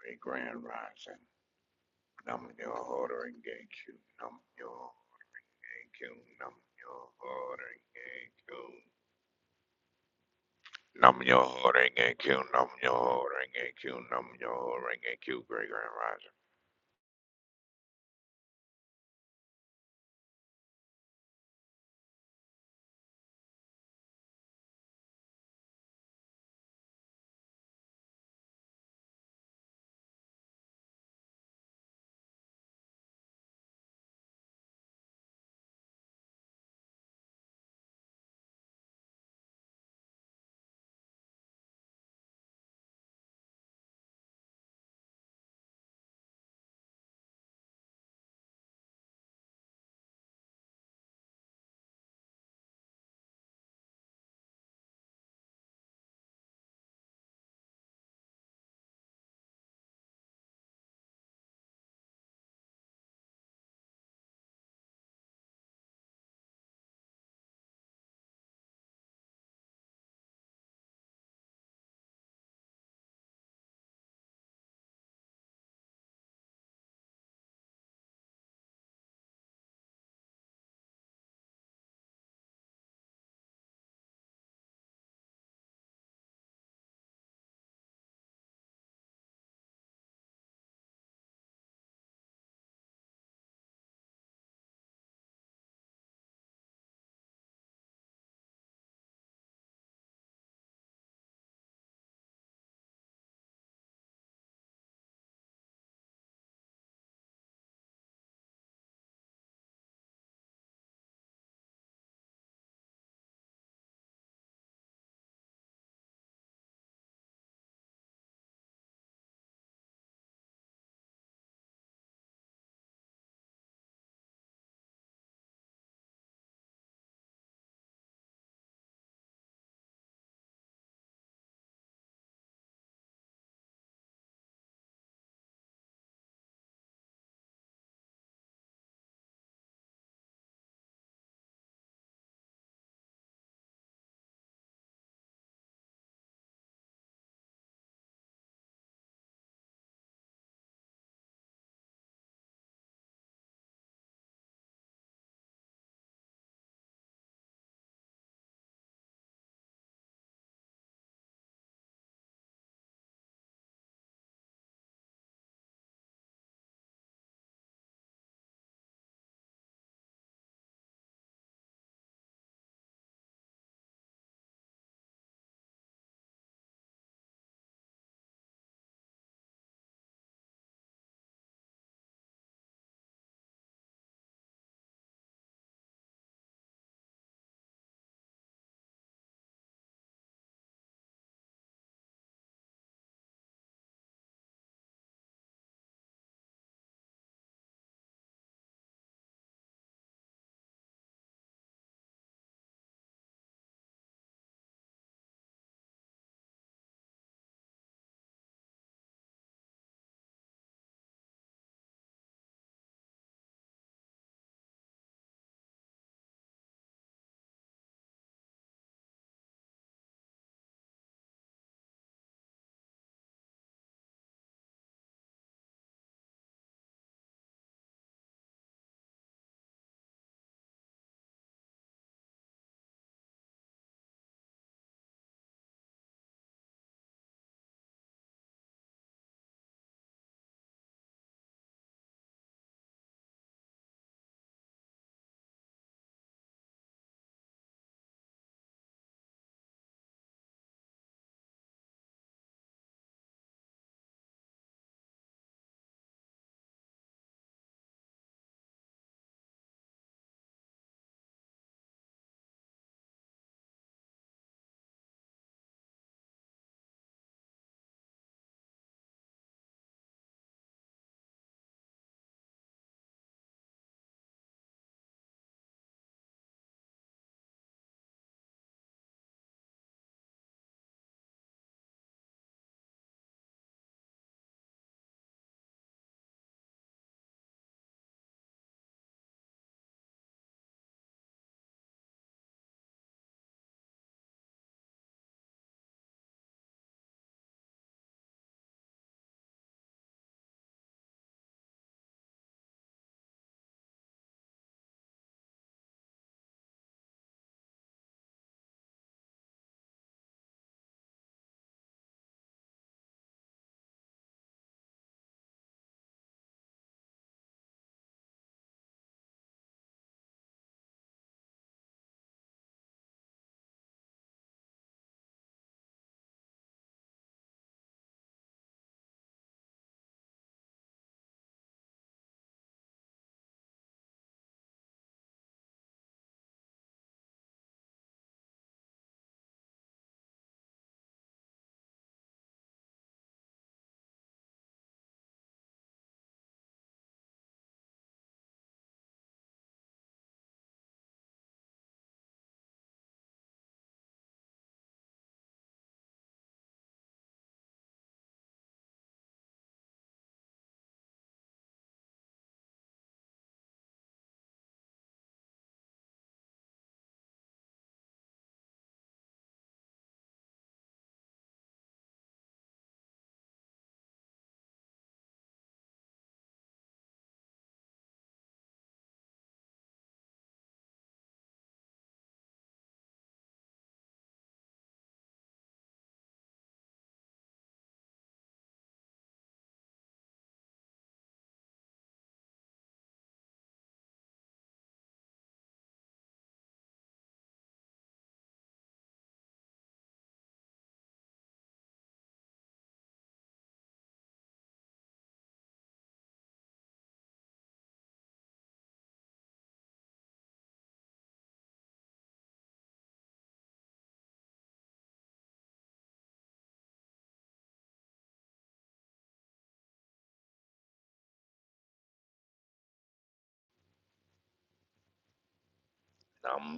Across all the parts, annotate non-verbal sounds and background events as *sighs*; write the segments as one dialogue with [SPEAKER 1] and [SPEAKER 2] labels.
[SPEAKER 1] Great Grand Rising. Nam yo ordering gay Q. Nam yo gay Q. Nam yo ordering gay Q. Nam yo ordering gay Q. Nam yo ordering gay Q. Nam yo ordering gay Q. Great Grand Rising.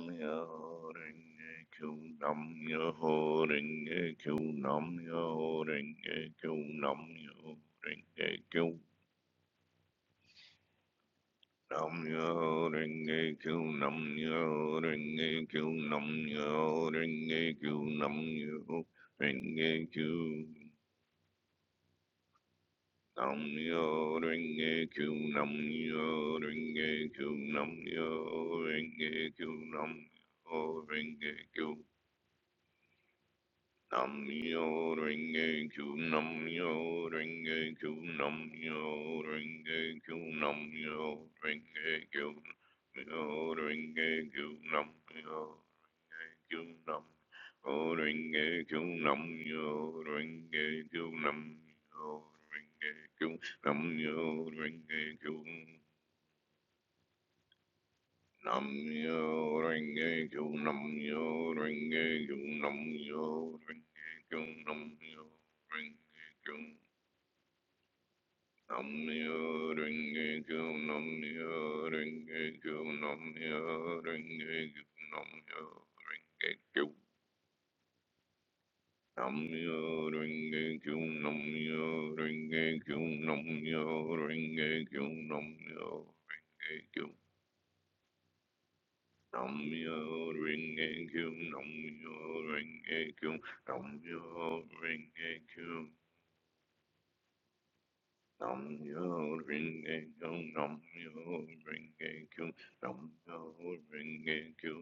[SPEAKER 1] Nam yo ordering gay Q. Nam yo ordering gay Q. Nam yo ordering gay Q. Nam yo ordering gay Q. Nam yo ring a q nam yo ring a q nam yo ring a q nam yo ring a q nam yo ring a q nam yo ring a q nam yo ring a q nam yo ring a q Nam yo ring a q nam yo ring a q nam yo ring a q nam yo ring a q yo ring a q nam yo ring a q nam yo ring a q nam yo ring a q nam yo ring a q nam yo ring a q Namyo Renge Kyo Namyo Renge Kyo Namyo Renge Kyo Namyo Renge Kyo Namyo Renge Kyo Namyo Renge Kyo Namyo Renge Kyo Namyo Renge Kyo Namyo Renge Kyo Namyo Renge Kyo Namyo Renge Kyo Namyo Renge Kyo Namyo Renge Kyo, Namyo Renge Kyo, Namyo Renge Kyo. Namyo Renge Kyo, Namyo Renge Kyo, Namyo Renge Kyo.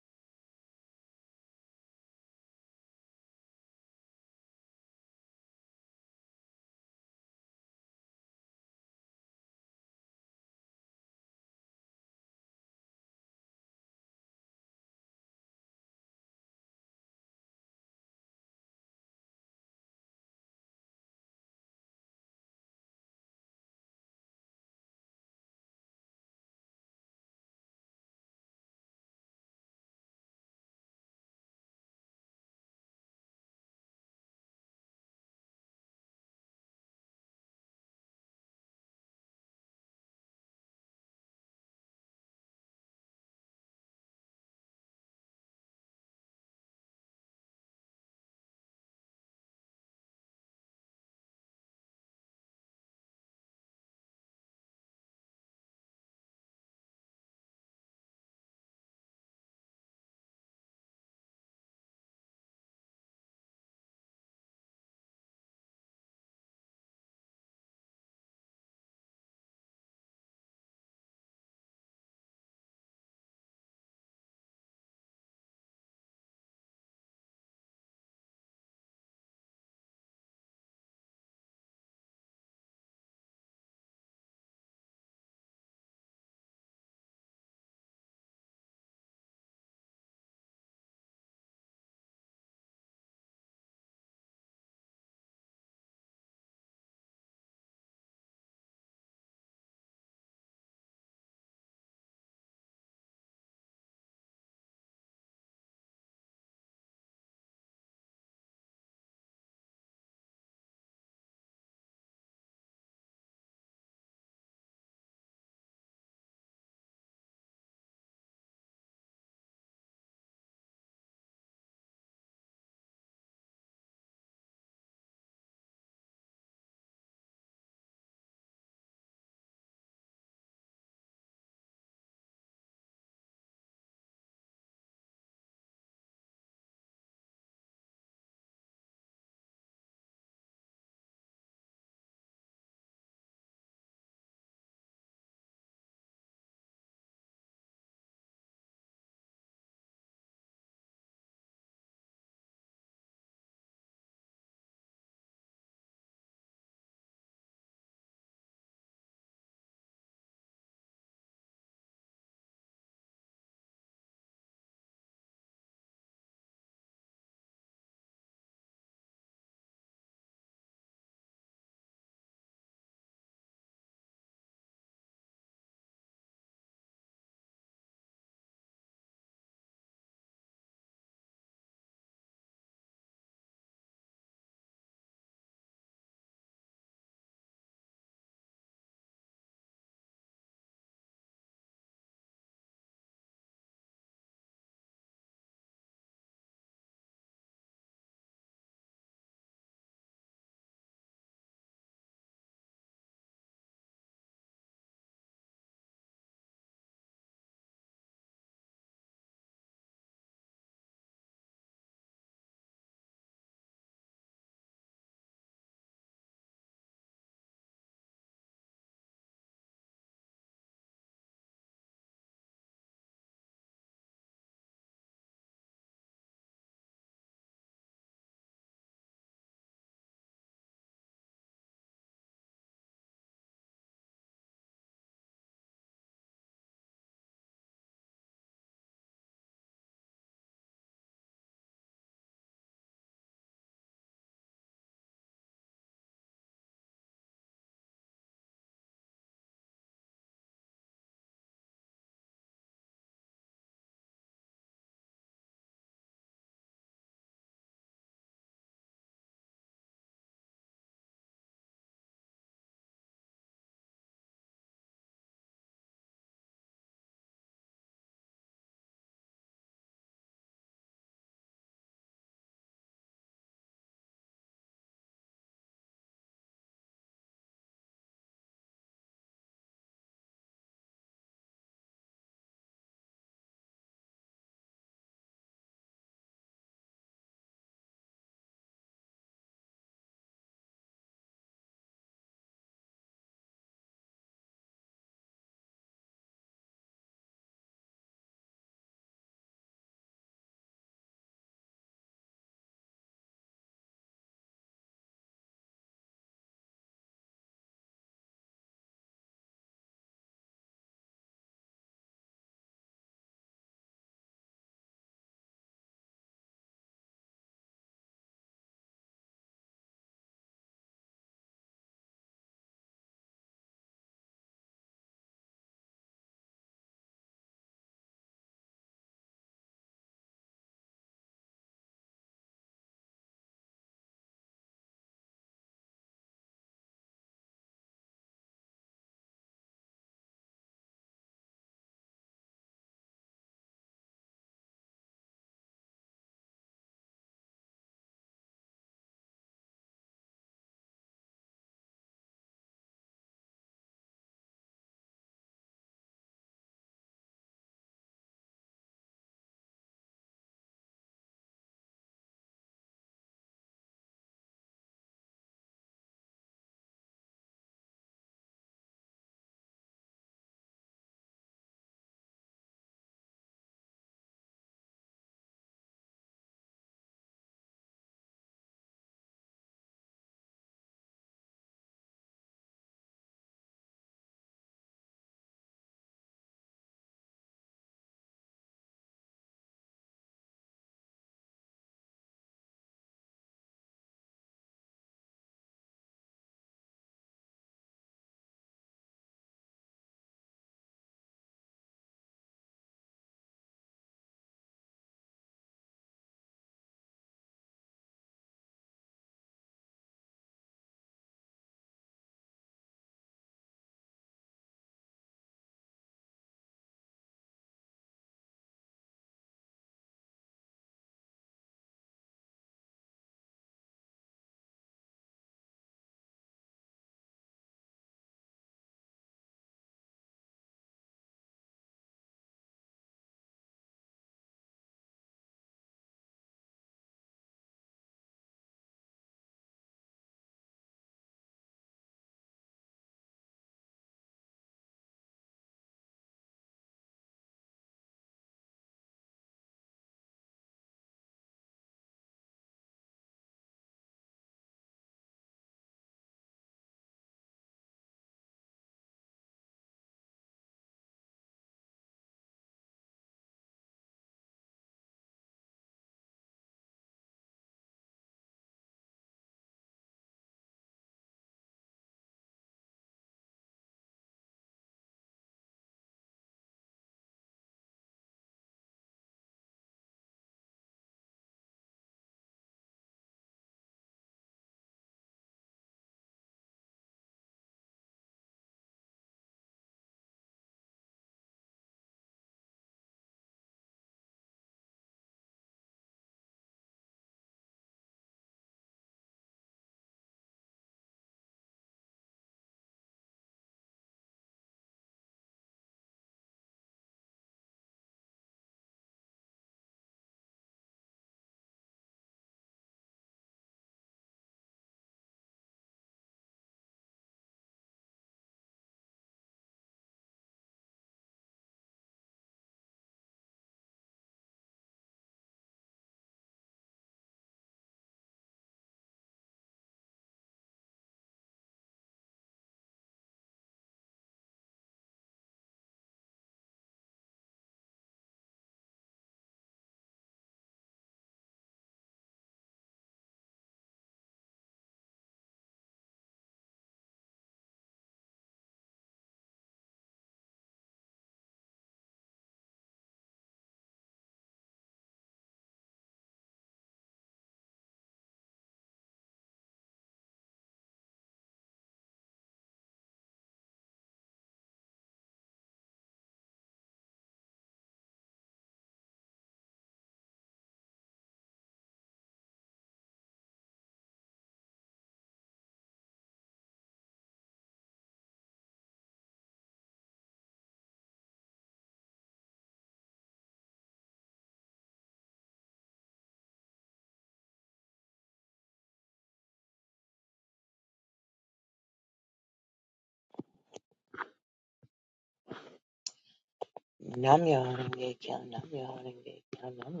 [SPEAKER 2] Nam yo horenge kyo, nam yo horenge kyo, nam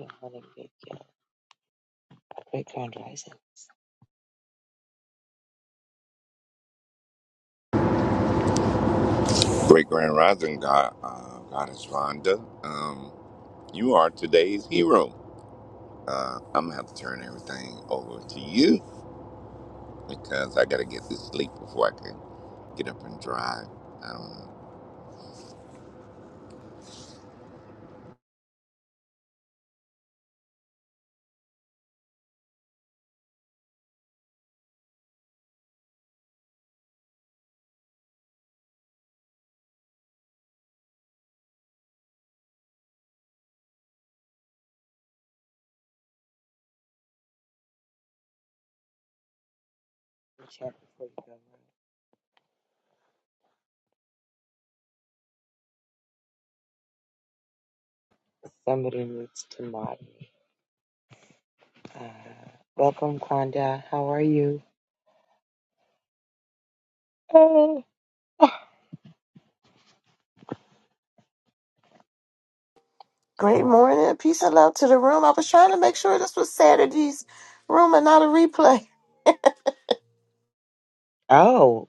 [SPEAKER 2] Great Grand Rising.
[SPEAKER 1] Grand Rising God, uh, Goddess Vonda, um, you are today's hero. Uh, I'm gonna have to turn everything over to you because I gotta get this sleep before I can get up and drive. I don't know.
[SPEAKER 2] Chant before you go. on. Somebody needs to mod me. Uh, welcome, Kwanda. How are you? Oh,
[SPEAKER 3] Great morning. Peace and love to the room. I was trying to make sure this was Saturday's room and not a replay.
[SPEAKER 2] oh,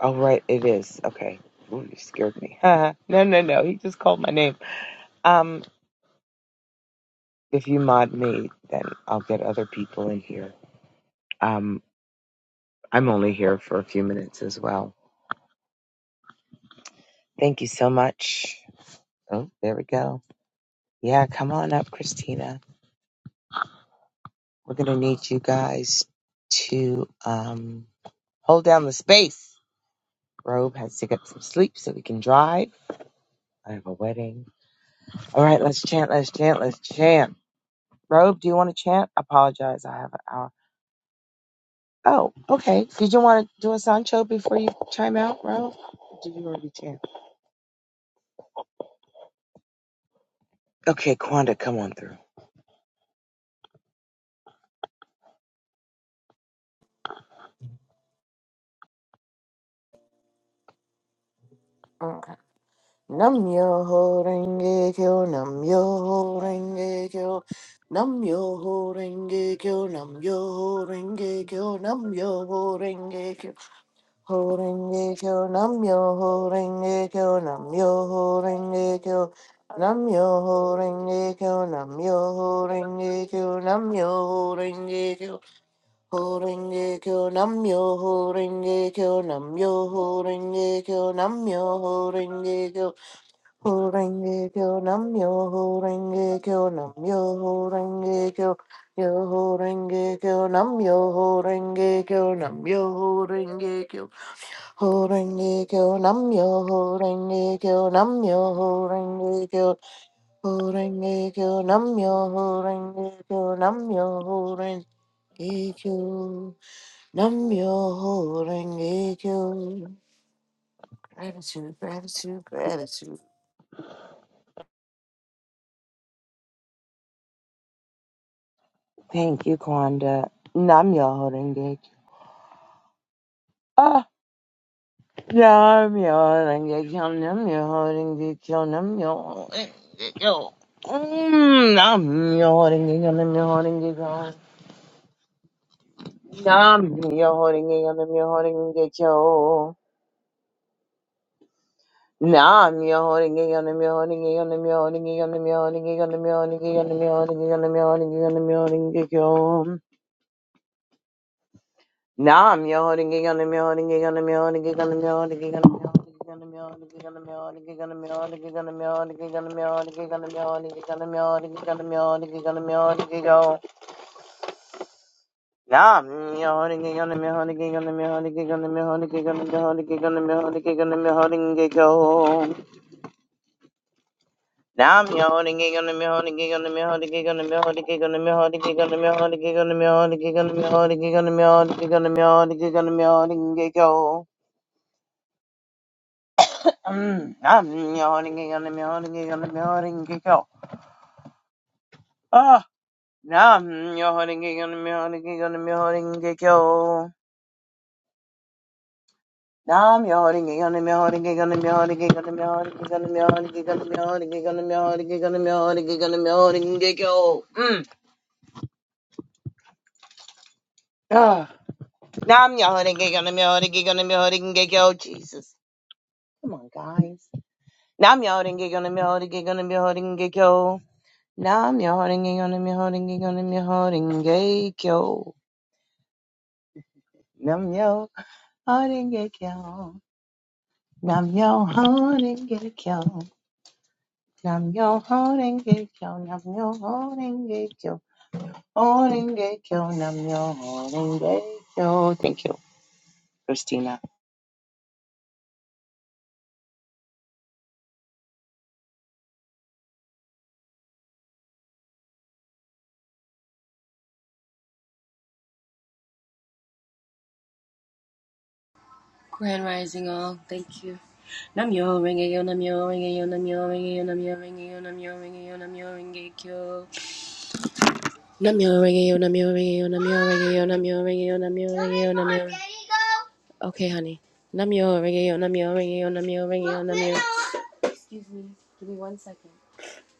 [SPEAKER 2] oh, right, it is. Okay. Ooh, you scared me. *laughs* no, no, no. He just called my name. Um, if you mod me, then I'll get other people in here. Um, I'm only here for a few minutes as well. Thank you so much. Oh, there we go. Yeah, come on up, Christina. We're going to need you guys to um, hold down the space. Robe has to get some sleep so we can drive. I have a wedding. All right, let's chant, let's chant, let's chant. Robe, do you want to chant? Apologize, I have an hour. Oh, okay. Did you want to do a Sancho before you chime out, Robe? Or Did you already chant? Okay, Quanda, come on through.
[SPEAKER 3] Okay. Nam yo ho renge kyo, nam yo ho renge kyo, nam yo ho renge kyo, nam yo ho renge kyo, nam yo ho renge kyo, ho renge kyo, nam yo ho renge kyo, nam yo ho renge kyo, nam yo ho renge kyo, nam yo ho renge kyo, nam yo ho renge kyo. Horenge kyo namyo, horenge kyo namyo, horenge kyo namyo, horenge kyo, horenge kyo namyo, horenge kyo namyo, horenge kyo, yo horenge kyo namyo, horenge kyo namyo, horenge kyo, horenge kyo namyo, horenge kyo namyo, horenge kyo, horenge kyo namyo, horenge kyo namyo, horenge kyo. Namyo renge kyo. Gratitude, gratitude, gratitude.
[SPEAKER 2] Thank you, Kwanda. Nam yo holding gig. Ah, nam yo holding gig. Nam yo holding gig. Nam yo holding gig. Nam yo holding gig. Nam yo holding gig. Nam yo holding gig. Nam yo holding gig. Nah, I'm your holding gig on the holding gig on the holding gig on the holding gig on the holding gig on the holding gig on the holding gig on the holding gig on. Nah, I'm your holding gig on the holding gig on the holding gig on the holding gig on the holding gig on the holding gig on the holding gig on the holding gig on the holding gig on the holding gig on the holding gig on the holding gig on the holding gig on. Nah, I'm your holding gig on the holding gig on the holding gig on the holding gig on the holding gig on the holding gig on the holding gig on the holding gig on. Nam yawning on the miholding on the miholding on the miholding on the miholding on the miholding on the miholding on the miholding on the miholding on the miholding on the miholding go. Nam yawning on the miholding on the miholding go. Ah, nam yawning on the miholding on the miholding go. Nam yawning on the miholding on the miholding on the miholding on the miholding on the miholding on the miholding on the miholding on the miholding go. Mm. Ah. Nam yo holding gig on the mill, holding gig on the mill, holding gig yo, Jesus. Come on, guys. Nam yo holding gig on the mill, holding gig on the mill, holding gig yo. Nam yo holding gig on the mill, holding gig on the mill, holding gig yo. Nam yo holding gig yo. Nam yo holding gig yo. Nam yo holding gig yo. Nam yo holding gig yo. Holding gig yo. Nam yo holding gig yo. Thank you, Christina.
[SPEAKER 4] Grand Rising all, thank you. Namyo Renge Yo Namyo Renge Yo Namyo Renge Yo Namyo Renge Yo Namyo Renge Yo Namyo Renge Kyo Namyo Renge Yo Namyo Renge Yo Namyo Renge Yo Namyo Renge Yo Namyo Renge Yo Namyo Renge-kyo. Okay, honey. Namyo Renge Yo Namyo Renge Yo Namyo Renge Yo Namyo Excuse me, give me one second.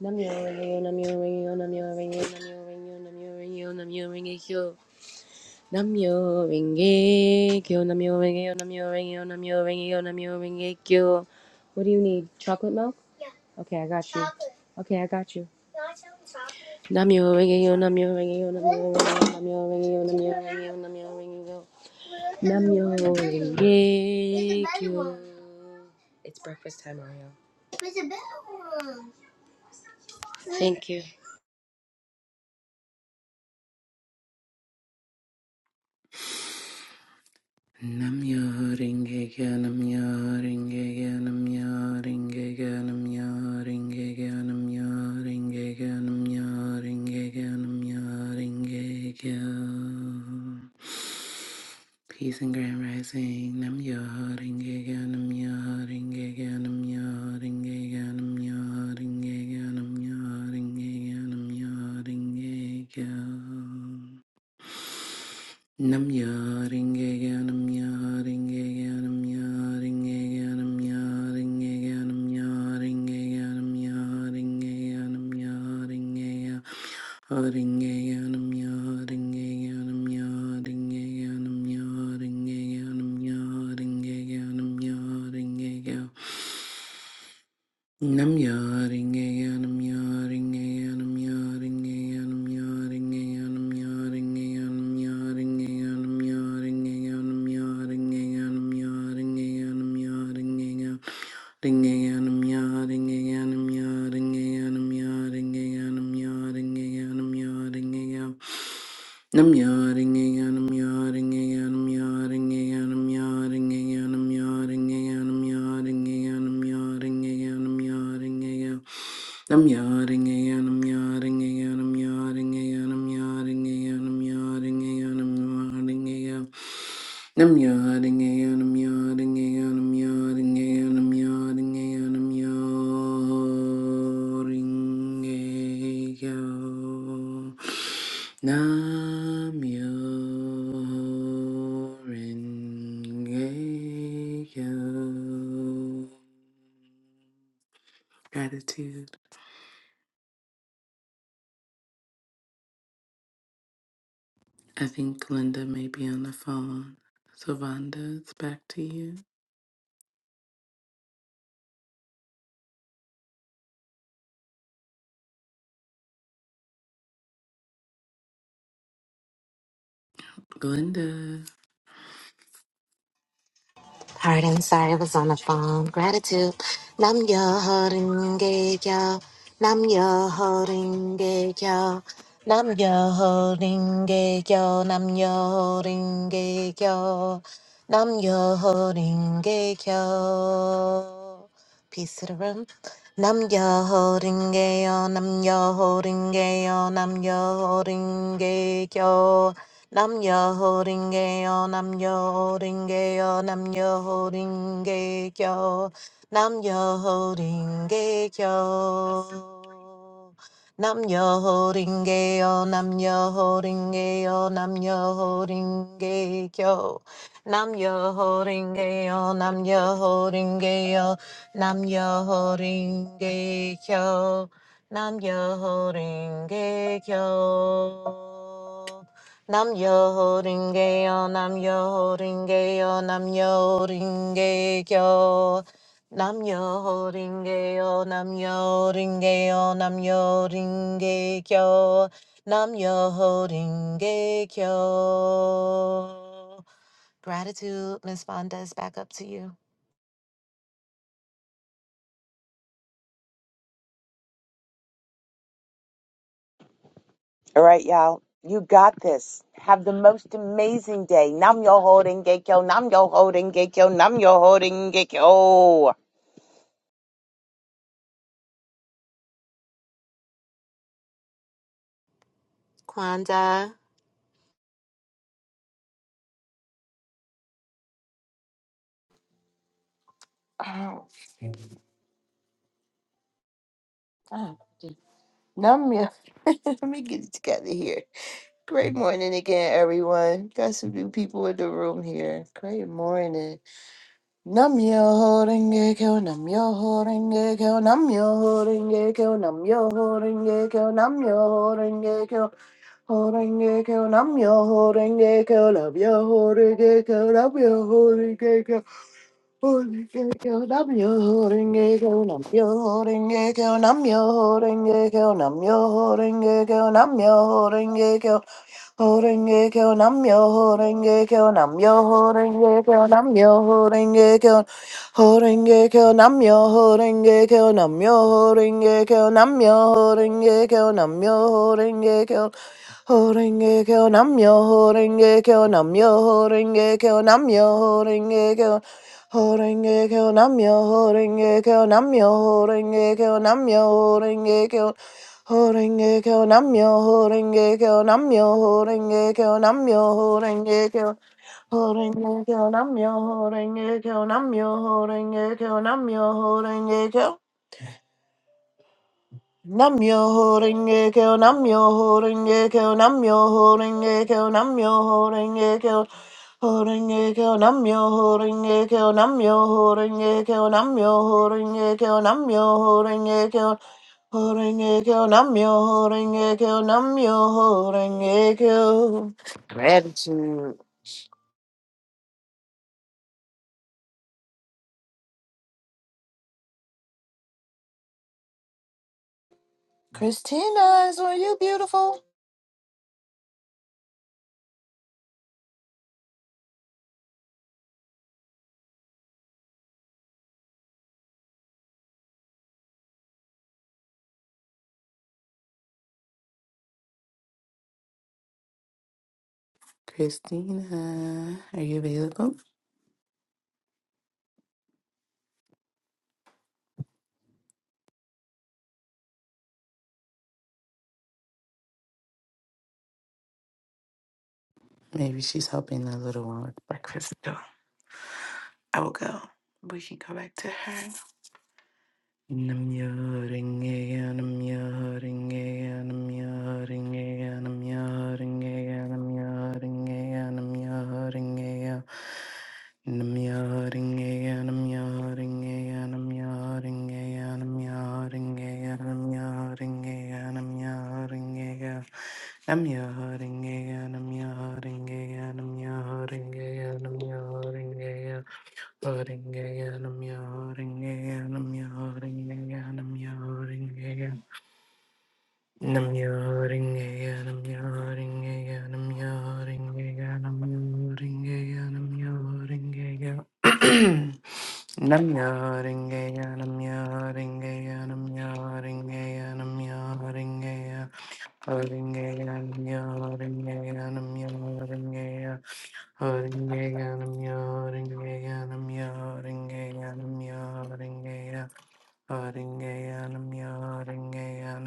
[SPEAKER 4] Namyo Renge Yo Namyo Renge Yo Namyo Renge Yo Namyo Renge Yo Namyo Renge Yo Namyo Renge Kyo Namyo Renge Kyo, Namyo Renge Kyo, Namyo Renge Kyo, Namyo Renge Kyo, Namyo Renge Kyo. What do you need? Chocolate milk? Yeah. Okay, I got you. Chocolate. Okay, I got you. You want some chocolate? Namyo Renge Kyo, Namyo Renge Kyo, Namyo Renge Kyo, Namyo Renge Kyo, Namyo Renge Kyo, Namyo Renge Kyo. Namyo Renge Kyo. It's breakfast time, Ariel. There's a bell. Thank you.
[SPEAKER 5] Namyo Rengege Namyo Rengege Namyo Rengege Namyo Rengege Namyo Rengege Namyo Rengege Namyo Rengege Peace and Grand Rising Namyo Rengege Namyo Rengege Namyo Rengege Namyo Rengege Namyo Rengege Namyo Rengege Nam yaring eganam yaring eganam yaring eganam yaring eganam yaring eganam yaring eganam yaring eganam yaring eganam yaring eganam yaring eganam yaring eganam yaring eganam yaring eganam Nam yaring ayanam yaring ayanam yaring ayanam yaring ayanam yaring ayanam yaring ayanam yaring ayanam yaring ayanam yaring ayanam yaring ayanam Ring ayanam yaring ayanam yaring ayanam yaring ayanam yaring ayanam yaring ayanam Nam yaring ayanam yaring ayanam yaring ayanam yaring ayanam yaring ayanam yaring ayanam yaring ayanam I'm yawning again. I'm yawning again. I'm yawning again. I'm yawning again. I'm yawning again. I'm yawning again. I'm yawning again. I'm yawning again. I'm yawning again. I'm yawning Gratitude. I think Glenda may be on the phone. So Vonda, it's back to you. Glenda.
[SPEAKER 6] Pardon, sorry, I was on the phone. Gratitude. Nam yo holding gay yo. Nam yo holding gay yo. Nam yo holding gay yo. Nam yo holding gay yo. Nam yo holding gay yo. Peace to the room. Nam yo holding gay yo, nam yo holding gay yo, nam yo holding gay yo. Nam yo holding gay yo, nam yo holding gay yo, nam yo holding gay yo. Nam yo holding gay yo. Nam yo holding gay yo, nam yo holding gay yo, nam yo holding gay yo. Nam yo holding gay yo, nam yo holding gay yo. Nam Yo Ringe Kyo. Nam Yo Ringe Kyo. Nam Yo Ringe Yo. Nam Yo Ringe Yo. Nam Yo Ringe Kyo. Nam Yo Ringe Yo. Nam Yo Ringe Yo. Nam Yo Ringe Kyo. Nam Yo Ringe Kyo. Gratitude, Miss Fonda, is back up to you.
[SPEAKER 2] All right, y'all. You got this. Have the most amazing day. Nam yo holding gekyo. Nam yo holding gekyo. Nam yo holding gekyo.
[SPEAKER 6] Kwanda.
[SPEAKER 3] Oh, God. Namyo. *laughs* Let me get it together here. Great morning again, everyone. Got some new people in the room here. Great morning. Namyo renge kyo, namyo renge kyo, namyo renge kyo, namyo renge kyo, namyo renge kyo. Horenge kyo, namyo renge kyo, namyo renge kyo, namyo renge kyo. Holding Horenge keo namyo, horenge keo namyo, horenge keo namyo, horenge keo. Horenge kyo namyo, horenge kyo namyo, horenge kyo namyo, horenge kyo horenge kyo namyo, horenge kyo namyo, horenge kyo namyo, horenge kyo horenge kyo namyo, horenge kyo namyo, horenge kyo namyo, horenge kyo Namyo Renge Kyo, Namyo Renge Kyo, Namyo Renge Kyo, Namyo Renge Kyo, Renge Kyo, Namyo Renge Kyo, Namyo Renge Kyo, Namyo Renge Kyo, Namyo Renge Kyo, Renge Kyo, Namyo Renge Kyo, Namyo Renge Kyo. Gratitude. Christina, is were you beautiful?
[SPEAKER 5] Christina, are you available? Maybe she's helping the little one with breakfast. So I will go. We can go back to her. Namyo Renge-kyo, Namyo Renge-kyo, Namyo Renge-kyo, Namyo Renge-kyo, Namyo Renge-kyo, Namyo Renge-kyo. Nam ya ring a ya nam ya ring a ya nam ya ring a ya nam ya ring a ya nam ya ring a ya nam ya ring a ya nam ya ring a ya nam ya ring a ya nam ya ring a ya nam ya ring a ya ring a ya nam ya ring a ya nam ya ring a ya nam ya ring a ya Nam yoring ayanam yoring ayanam yoring ayanam yoring ayanam yoring *clears throat* ayanam Nam yoring ayanam yoring ayanam yoring ayanam yoring ayanam yoring ayanam yoring ayanam yoring ayanam yoring ayanam namya ayanam yoring ayanam yoring *clears throat* Namjoon, Haringeya namya, haringeya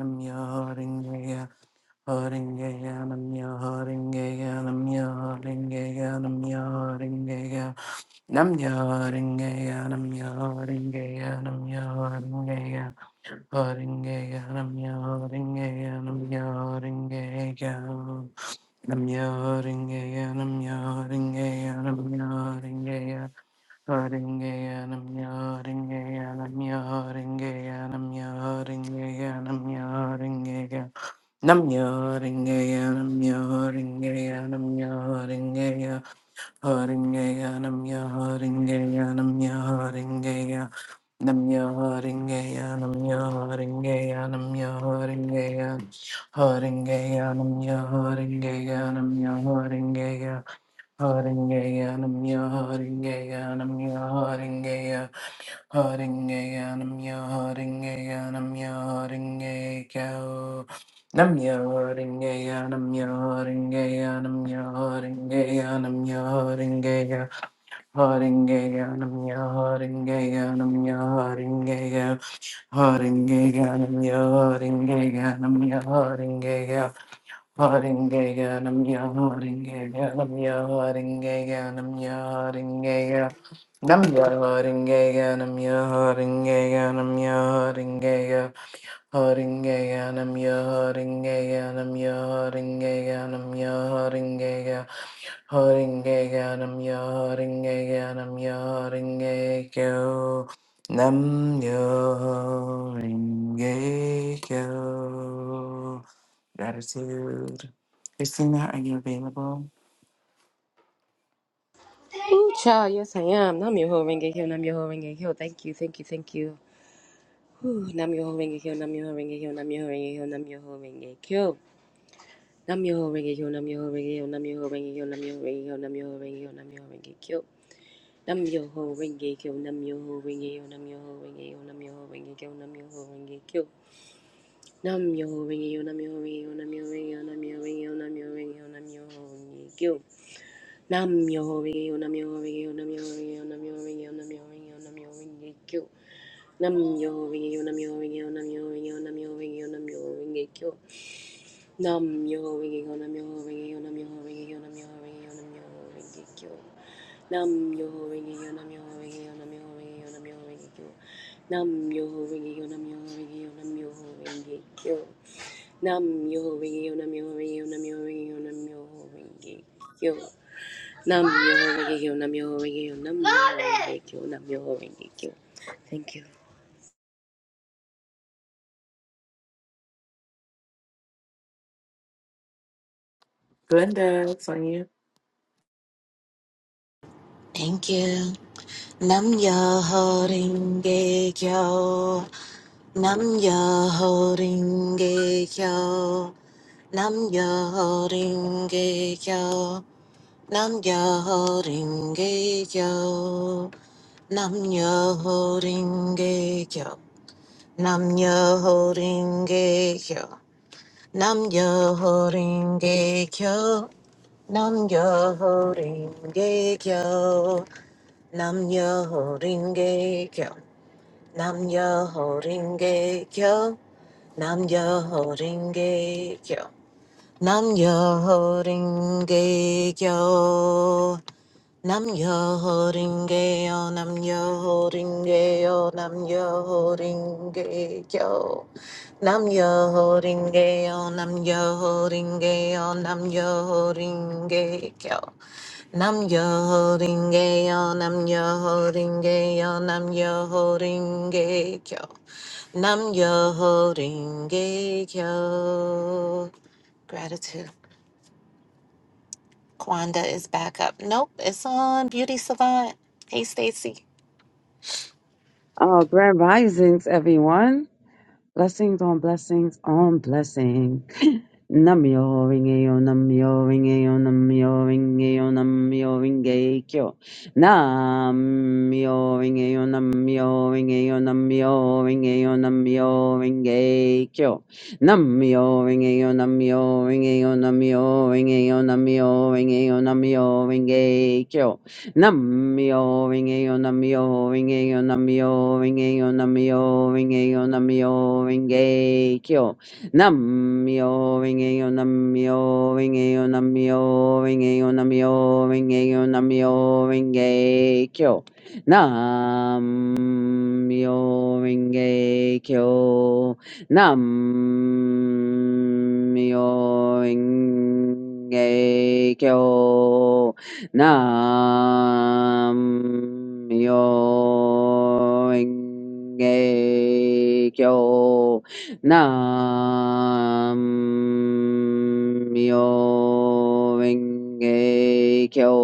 [SPEAKER 5] namya, haringeya. Haringeyanamya, Haringeyanamya, Haringeyanamya, Haringeya. Namya Haringeya, Namya Haringeya, Namya Haringeya. Haringeya, Namya Haringeya, Namya Haringeya. Namya Haringeya, Namya Haringeya, Namya Haringeya. Nam Haringeya namya haringeya namya haringeya haringeya namya haringeya namya haringeya namya haringeya namya haringeya namya haringeya namya haringeya Haringeya namya, Haringeya, namya, Haringeya, Haringeya, namya, namya, namya, Haringeya Haringeya, namya Haringeya namya Haringeya namya, Haringeya. Nam yaringeya nam yaringeya nam yaringeya haringeya nam yaringeya nam yaringeya nam yaringeya haringeya nam yaringeya nam yaringeya nam yaringeya gratitude Christina are you available
[SPEAKER 4] Ooh, child, yes I am. Namyo Renge Kyo, Namyo Renge Kyo. Thank you, thank you, thank you. Whew, Namyoho Renge Kyo, Namyoho Renge Kyo, Namyoho Renge Kyo, Namyoho Renge Kyo. Namyoho Renge Kyo, Namyoho Renge Kyo, Namyoho Renge Kyo, Namyoho Renge Kyo, Namyoho Renge Kyo, Namyoho Renge Kyo. Namyoho Renge Kyo, Namyoho Renge Kyo, Namyoho Renge Kyo, Namyoho Renge Kyo, Namyoho Renge Kyo. Namyoho Renge Kyo, Namyoho Renge Kyo, Namyoho Renge Kyo, Namyoho Renge Kyo, Namyoho Renge Kyo, Namyoho Renge Kyo. Namyoho Renge Kyo, Namyoho Renge Kyo, Namyoho Renge Kyo, Namyoho Renge Kyo, Namyoho Renge Kyo, Namyoho Renge Kyo. Nam yo ringe yo nam yo ringe yo nam yo ringe yo nam yo ringe yo nam yo ringe kyo Nam yo ringe yo nam yo ringe yo nam yo ringe yo nam yo ringe yo nam yo ringe kyo Nam yo ringe yo nam yo ringe yo nam yo ringe yo nam yo ringe kyo Nam yo ringe yo nam yo ringe yo nam yo ringe kyo Nam yo ringe yo nam yo ringe yo nam yo ringe yo nam yo ringe kyo Nam yo ringe yo nam yo ringe yo nam yo ringe kyo Nam yo ringe kyo Thank you
[SPEAKER 5] Glenda it's on you
[SPEAKER 6] Thank you. Nam yo holding gay yo. Nam yo holding gay yo. Nam yo holding gay yo. Nam yo holding gay yo. Nam yo holding gay yo. Nam yo holding gay yo. Nam yo holding gay yo. Nam yo holding gay yo. Nam yo ho ringe kyo. Nam yo ho ringe kyo. Nam yo ho ringe kyo. Nam yo ho ringe kyo. Nam yo ho ringe yo. Nam yo ho ringe yo. Nam yo ho ringe kyo. Nam yo ho ringe yo. Nam yo ho ringe yo. Nam yo ho ringe kyo. Nam yo holding yo, nam yo holding yo, nam yo holding gay yo, nam yo holding gay yo. Gratitude. Kwanda is back up. Nope, it's on Beauty Savant. Hey, Stacy.
[SPEAKER 7] Oh, grand risings, everyone. Blessings on blessings on blessings. *laughs* Namyo ringeyo, namyo ringeyo, namyo ringeyo, namyo ringe kyo. Namyo ringeyo, namyo ringeyo, namyo ringeyo, namyo ringeyo kyo. Namyo ringeyo, namyo ringeyo, namyo ringeyo, namyo ringeyo, namyo ringe kyo. Namyo Rinkeyo Namyo Rinkeyo Namyo Rinkeyo Namyo Rinkeyo Namyo Rinkeyo Namyo Rinkeyo Namyo Rinkeyo Namyo Rinkeyo Namyo Rinkeyo Namyo Rinkeyo Namyo Rinkeyo Namyo Rinkeyo Nam-myoho-renge-kyo. Nam-myoho-renge-kyo.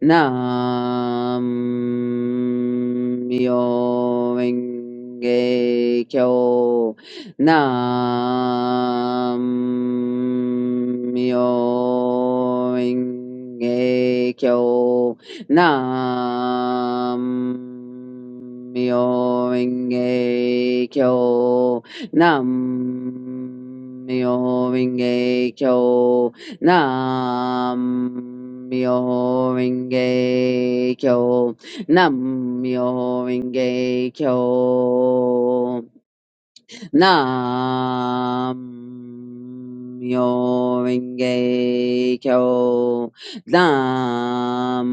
[SPEAKER 7] Nam-myoho-renge-kyo. Nam-myoho-renge-kyo. Nam-myoho-renge-kyo. Nam-myoho-renge-kyo. Nam-myoho-renge-kyo. Nam-myoho-renge-kyo. Nam Myo Renge Kyo. Nam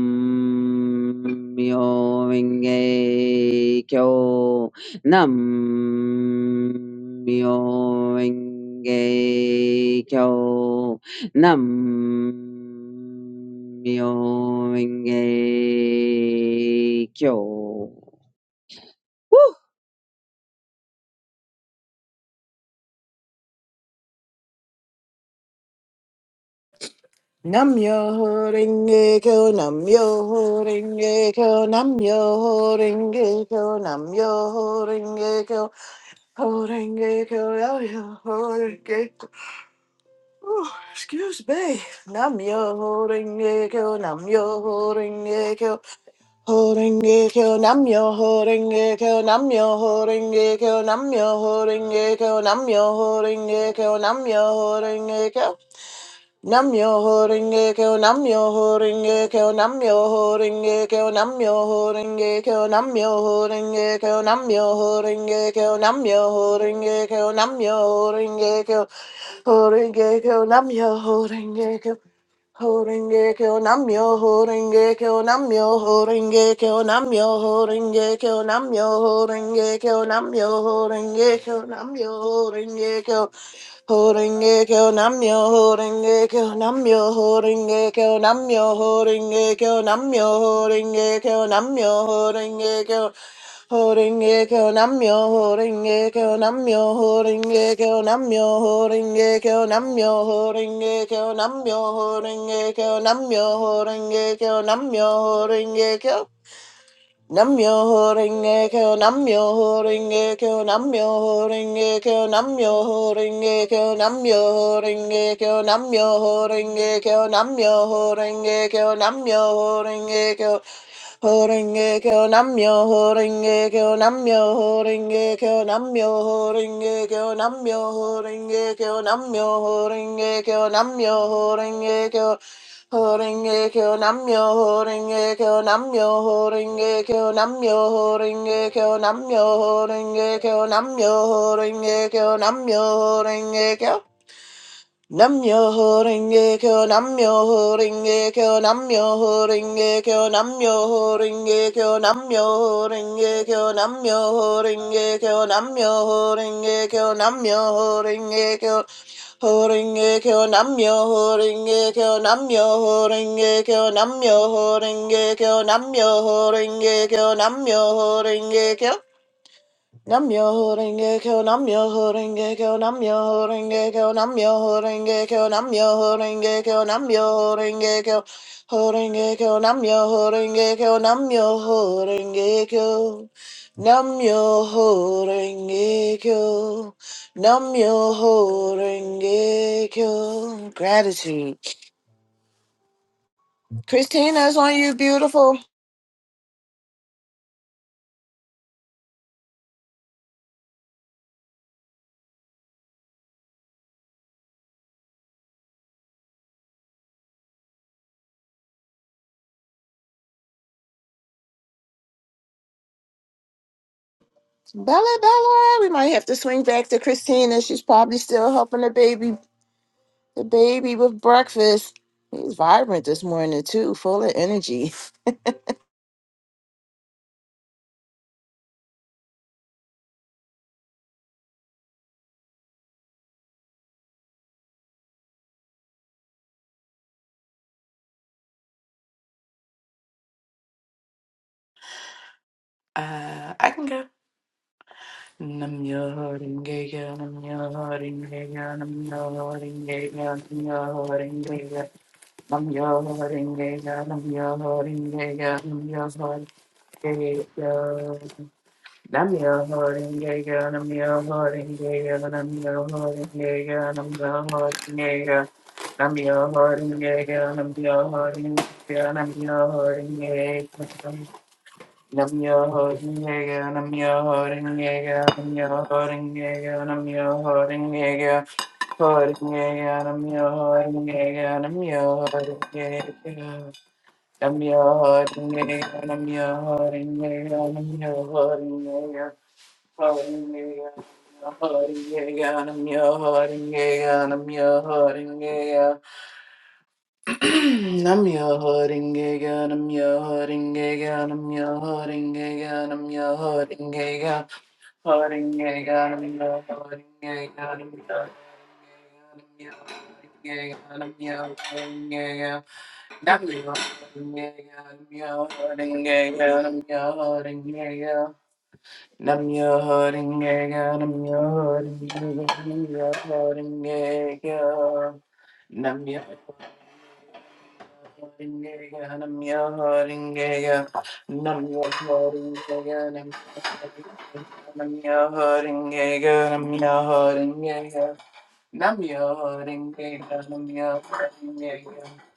[SPEAKER 7] Myo Renge Kyo. Nam Myo Renge Kyo. Nam Myo Renge Kyo.
[SPEAKER 3] Nam yo ho renge kyo, nam yo ho renge kyo, nam yo ho renge kyo, nam yo ho renge kyo, ho renge kyo, yo yo ho renge kyo. Ooh, excuse me. Nam yo ho renge kyo, nam yo ho renge kyo, ho renge kyo, nam yo ho renge kyo, nam yo ho renge kyo, nam yo ho renge kyo, nam yo ho renge kyo, nam yo ho renge kyo. Nam yo ho Horinge Kyo Namyo Horinge Kyo Namyo Horinge Kyo Namyo Horinge Kyo Namyo Horinge Kyo Namyo Horinge Kyo Namyo Horinge Kyo nam yo ho Horinge Kyo Horinge Kyo nam yo ho Horinge Kyo Horinge Kyo nam yo ho Horinge Kyo Namyo Horinge Kyo Namyo Horinge Kyo Namyo Horinge Kyo Namyo Horinge Kyo nam yo ho Horinge Kyo Holding Ekyo Namyo, holding Ekyo Namyo, holding Ekyo Namyo, holding Ekyo Namyo, holding Ekyo Namyo, holding Ekyo. Holding Ekyo Namyo, holding Ekyo Namyo, holding Ekyo Namyo, holding Ekyo Namyo, holding Ekyo Namyo, holding Ekyo Namyo, holding Ekyo Namyo, holding Ekyo. Namyo Renge Kyo, Namyo Renge Kyo, Namyo Renge Kyo, Namyo Renge Kyo, Namyo Renge Kyo, Namyo Renge Kyo, Namyo Renge Kyo, Namyo Renge Kyo. Horenge kyo namyo, horenge kyo namyo, horenge kyo namyo, horenge kyo namyo, horenge kyo namyo, horenge kyo namyo, horenge kyo Horinge kyo namyo, horinge kyo namyo, horinge kyo namyo, horinge kyo namyo, horinge kyo namyo, horinge kyo namyo, horinge kyo. Namyo Renge Kyo, Namyo Renge Kyo, Namyo Renge Kyo, Namyo Renge Kyo, Namyo Renge Kyo, Namyo Renge Kyo, Namyo Renge Kyo, Namyo Renge Kyo. Horinge kyo namyo, horinge kyo namyo, horinge kyo namyo, horinge kyo namyo, horinge kyo namyo, a kyo Nam yo ho renge kyo, nam yo ho renge kyo, nam yo ho renge kyo, nam yo ho renge kyo, nam yo ho renge kyo, nam yo ho renge kyo, ho renge kyo, nam yo ho renge kyo, nam yo ho renge kyo, nam yo ho renge kyo, nam yo ho renge kyo. Gratitude. Christina's on you, beautiful. Bella, Bella, we might have to swing back to Christina. She's probably still helping the baby The baby with breakfast. He's vibrant this morning too, full of energy.
[SPEAKER 5] uh I can go Namah Aringeya, Namah Aringeya, Namah Aringeya, Namah Aringeya, Namah Aringeya, Namah Aringeya, Namah Aringeya, Namah Aringeya, Namah Aringeya, Namah Aringeya, Namah Aringeya, Namah Aringeya. Nam yo holding yega, nam yo holding yega, nam yo holding yega, nam yo holding yega, holding yega, nam yo holding yega, nam yo holding yega, nam yo holding yega, nam yo holding yega, nam yo holding yega, holding yega, holding yega, nam yo holding yega, nam yo holding yega. I'm your hurting again, I'm your hurting again, I'm your hurting again, I'm your hurting again, hurting again, I'm your hurting again, I'm your hurting again, I'm your hurting again. I'm your hurting again, I'm your hurting again, I'm your hurting again. I'm your hurting again, I'm your hurting again, I'm your hurting again. Nam Nam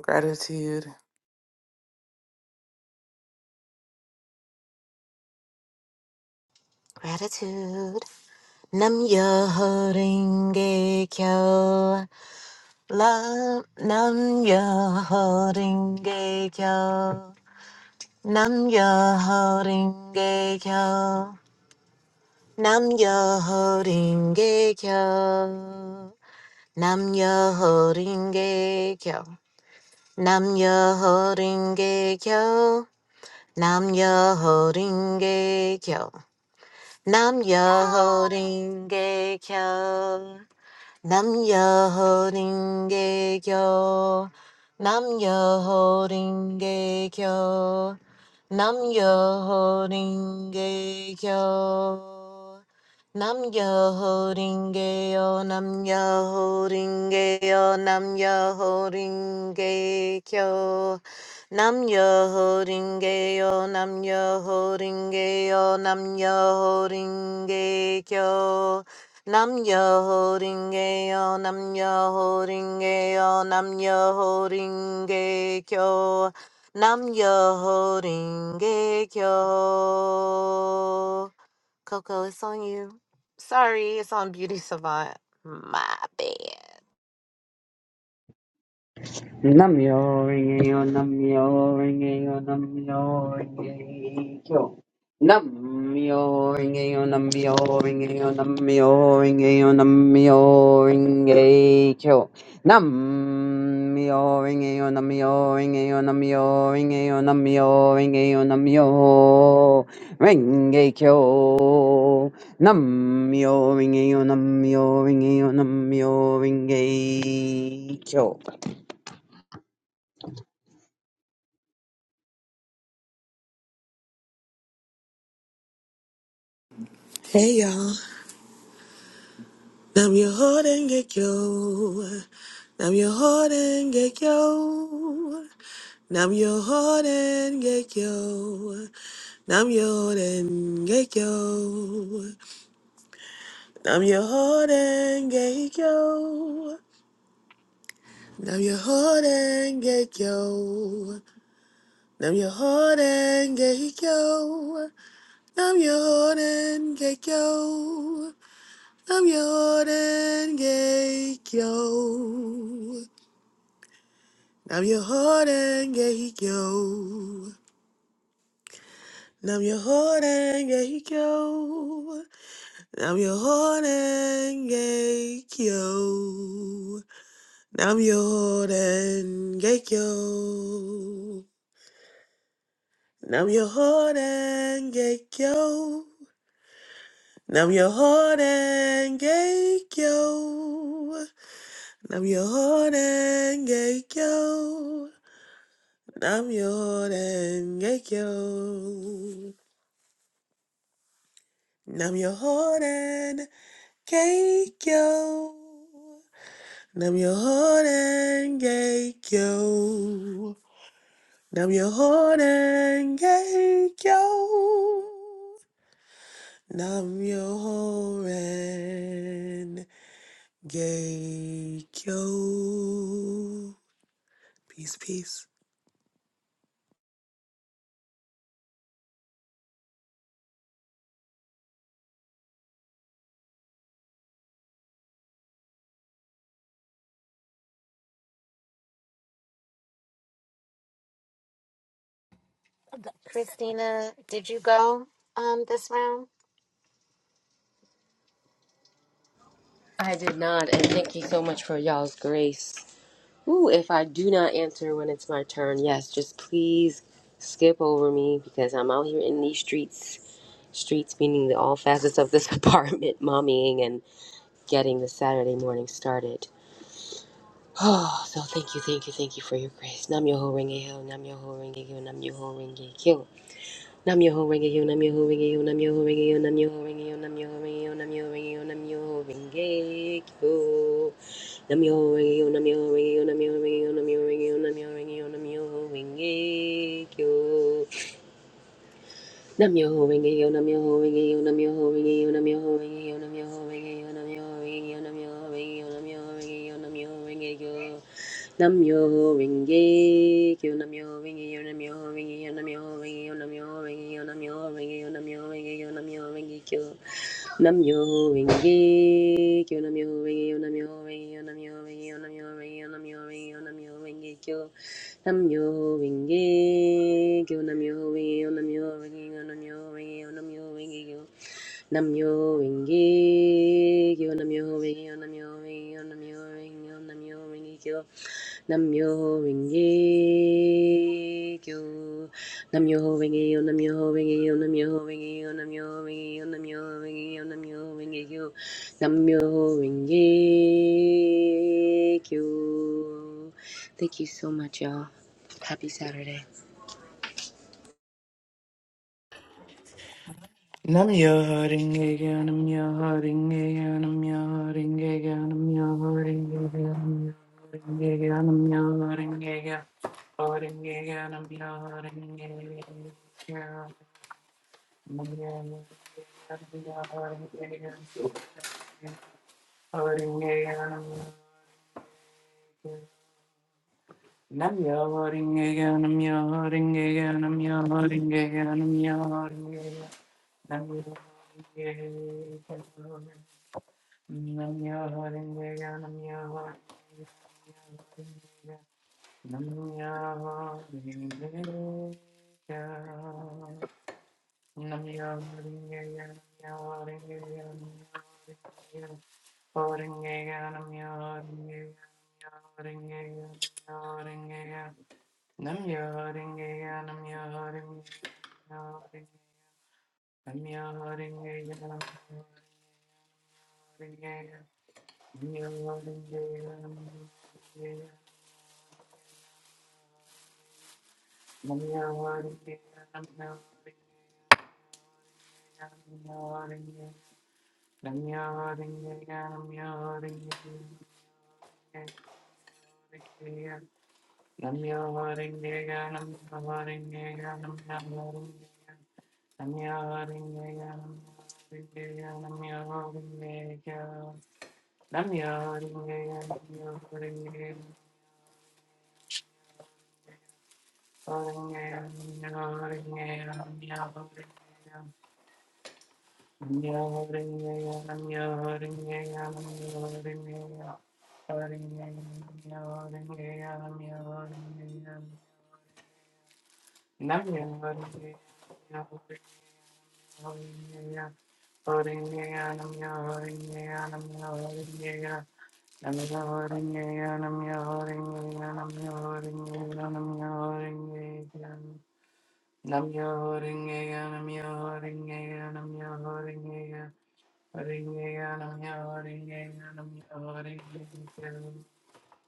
[SPEAKER 5] Gratitude.
[SPEAKER 6] Gratitude. Nam yo holding gay yo. Love. Nam yo holding gay yo. Nam yo holding gay yo. Nam Ya Ho Ring Ge Kyo. Nam Ya Ho Ring Ge Kyo. Nam Ya Ho Ring Ge Kyo. Nam Ya Ho Ring Ge Kyo. Nam Ya Ho Ring Ge Kyo. Nam yo holding gay yo. Nam yo holding gay yo. Nam yo holding gay yo. Nam yo holding gay yo. Nam yo holding gay yo. Nam yo holding gay yo. Nam yo holding gay yo. Nam yo holding gay yo. Nam yo holding gay yo. Nam yo ho ringe yo, nam yo ho ringe yo, nam yo ho ringe kyo, nam yo ho ringe kyo. Coco, it's on you. Sorry, it's on Beauty Savant. My bad.
[SPEAKER 7] Namyo Rengeyo Namyo Rengeyo Namyo Rengeyo Namyo Rengeyo Namyo Rengeyo Namyo Rengeyo Namyo Rengeyo Namyo Rengeyo Namyo Rengeyo Namyo Rengeyo Namyo Rengeyo Namyo Rengeyo Namyo Rengeyo Namyo Rengeyo Namyo
[SPEAKER 8] Hey y'all. Nam your heart and get yo. Nam your heart and get yo. Nam your heart and get yo. Nam your heart and get yo. Nam your heart and get yo. Nam your heart and get yo. Nam your heart and get yo. Nam your heart and get yo. I'm your Geikyo. I'm your Hoden Geikyo. I'm your Hoden Geikyo. I'm your Hoden Geikyo. I'm your Hoden Geikyo. I'm your Hoden Geikyo. I'm your Hoden Geikyo. I'm your Hoden Geikyo. Nam Yoden Gekyo. Nam Yoden Gekyo. Nam Yoden Gekyo. Nam Yoden Gekyo. Nam Yoden Gekyo. Peace, peace.
[SPEAKER 6] Christina, did you go um this round?
[SPEAKER 4] I did not, and thank you so much for y'all's grace. Ooh, if I do not answer when it's my turn, yes, just please skip over me because I'm out here in these streets. Streets meaning the all facets of this *laughs* apartment, mommying and getting the Saturday morning started. *sighs* Oh, so thank you, thank you, thank you for your grace. Nam yoho renge yo, nam yoho renge yo, nam yoho renge yo. Nam yoho renge yo, nam yoho renge yo, nam yoho renge yo, nam yoho renge yo, nam yoho renge yo, nam yoho renge yo, nam yoho renge yo. Namyo Renge-kyo, Namyo Renge-kyo, Namyo Renge-kyo, Namyo Renge-kyo, Namyo Renge-kyo, Namyo Renge-kyo. Nam yo ho ring yo, nam yo ho ring yo, nam yo ho ring yo, nam yo ho ring yo, nam yo ho ring yo, nam yo ho ring yo, nam yo ho ring yo, nam yo ho ring yo, nam yo ho ring yo. Nam yo ho ring yo, nam yo ho ring yo, nam yo ho ring yo, nam yo ho ring yo, nam yo ho ring yo, nam yo ho ring yo, nam yo ho ring yo, nam yo ho ring yo. Nam yo ho ring yo, nam yo ho ring yo, nam yo ho ring yo, nam yo ho ring yo, nam yo ho ring yo, nam yo ho ring yo, nam yo ho ring yo. Namyo Winge Kyo Namyo Winge Kyo Namyo Winge Kyo Namyo Winge Kyo Namyo Winge Kyo Namyo Renge Kyo, Namyo Renge Kyo, Namyo Renge Kyo, Namyo Renge Kyo, Namyo Renge Kyo, Namyo Renge Kyo, Namyo Renge Kyo, Namyo Renge Kyo, Namyo Renge Kyo, Namyo Renge Kyo, Namyo Renge Kyo, Namyo Renge Kyo, Namyo Renge Kyo. Thank you so much, y'all. Happy Saturday.
[SPEAKER 5] Nam yo hurting again, I'm your hurting again, I'm your hurting again, I'm your hurting again, I'm your hurting again, I'm your hurting again, hurting again, I'm your hurting again, hurting again, Nam yo hurting again, I'm your hurting again, I'm your hurting again, I'm your hurting again, I'm your hurting again. Nam Nam Nam yo ringe ya, nam yo ringe ya, nam yo ringe ya.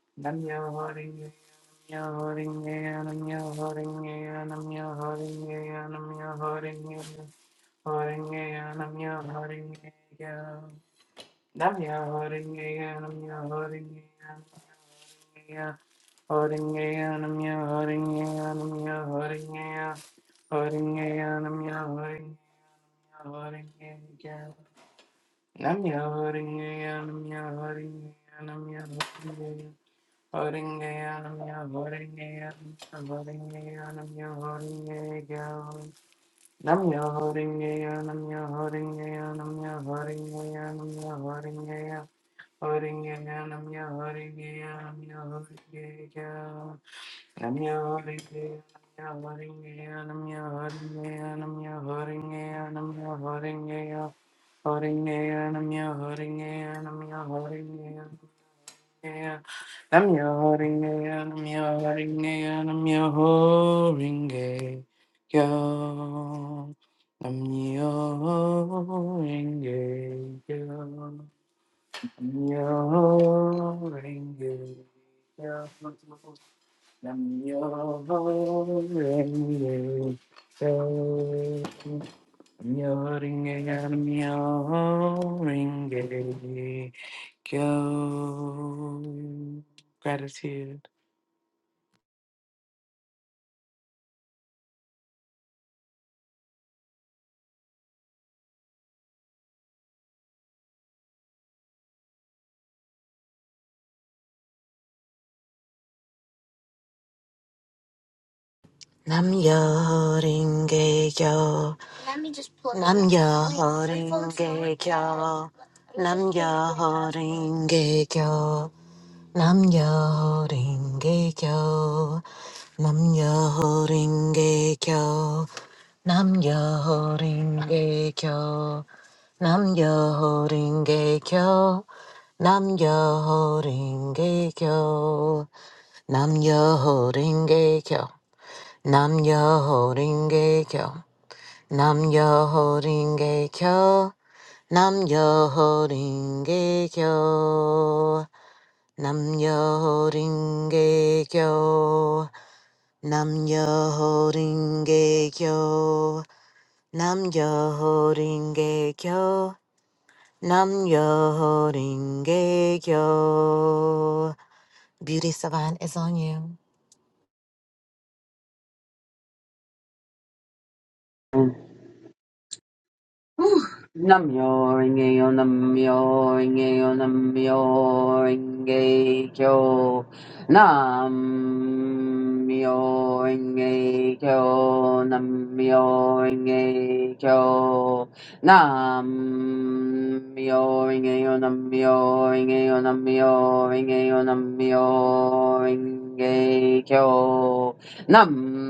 [SPEAKER 5] Holding Namya ya namya nam namya horingeya, nam namya horingeya. namya nam ya horingeya, nam ya horingeya, nam namya horingeya. namya ya horingeya, nam ya horingeya, nam I'm your hooding, I'm your hooding, I'm your hooding, I'm your hooding, I'm your hooding, hooding, I'm your hooding, I'm your hooding, I'm your hooding, I'm your hooding, I'm your hooding, yo. I'm your hooding, yo. I'm your hooding, yo. I'm your Ring I'm your ring Gratitude.
[SPEAKER 6] Nam yo ho ringe kyo, nam yo ho ringe kyo, nam yo ho ringe kyo. Namgyal ring a chil. Namgyal ring a chil. Namgyal ring a chil. Namgyal ring a chil. Namgyal ring a chil. Namgyal ring a chil. Namgyal ring a chil. Namgyal ring a chil. Namgyal ring a chil. Namyo Ringe Kyo. Namyo Ringe Kyo. Namyo Ringe Kyo. Namyo Ringe Kyo. Beauty Savant is on you.
[SPEAKER 7] Rengeyo Namyo Renge-yo, Namyo Renge-yo, Namyo Renge-kyo. Namyo Renge-kyo, Namyo Renge-kyo. Namyo Renge-yo, Namyo Renge-yo, Namyo Renge-yo, Namyo Renge-kyo. Nam-myoho-renge-kyo.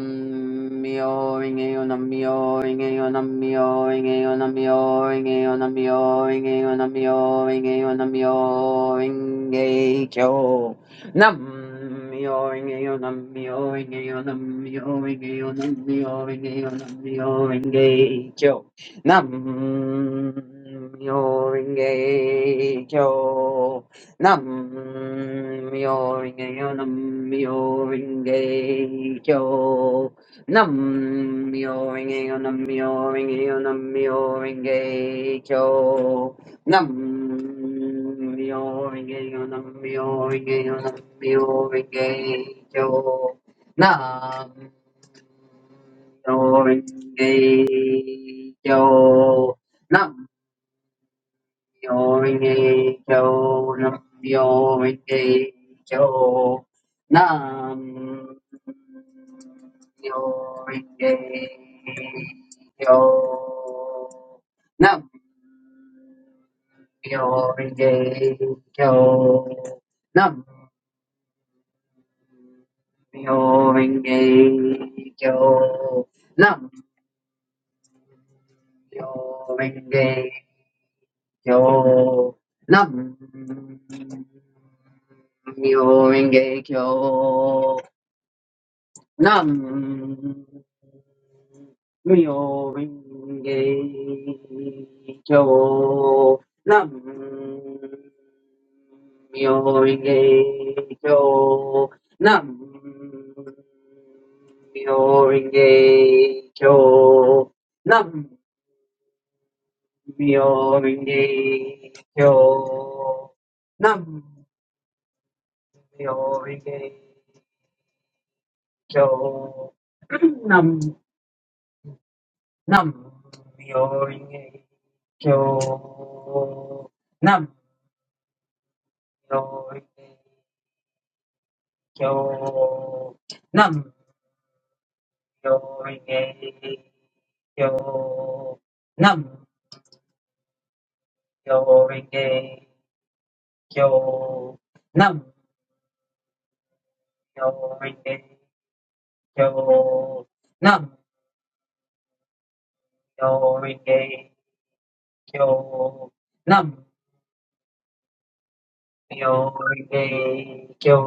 [SPEAKER 7] Nam-myoho-renge-kyo, Nam-myoho-renge-kyo, Nam-myoho-renge-kyo, Nam-myoho-renge-kyo, Nam-myoho-renge-kyo. Nam-myoho-renge-kyo. Nam-myoho-renge-kyo. Nam-myoho-renge-kyo. Nam-myoho-renge-kyo. Nam-myoho-renge-kyo. Nam-myoho-renge-kyo. Nam-myoho-renge-kyo. Nam-myoho-renge-kyo. Nam-myoho-renge-kyo. Nam Yo ringe yo nam yo ringe yo nam yo ringe yo nam yo ringe yo nam yo ringe yo nam yo ringe Yo Nam Myo Renge Kyo Nam Myo Renge Kyo Nam Myo Renge Kyo Nam Myo Renge Kyo Nam Myoringeikyo. Nam Myoringeikyo. *clears throat* Nam Nam Myoringeikyo. Nam Myoringeikyo. Nam Myoringeikyo. Nam Myoringeikyo. Nam Myoringeikyo. Nam Myoringeikyo. kyo nam myo renge kyo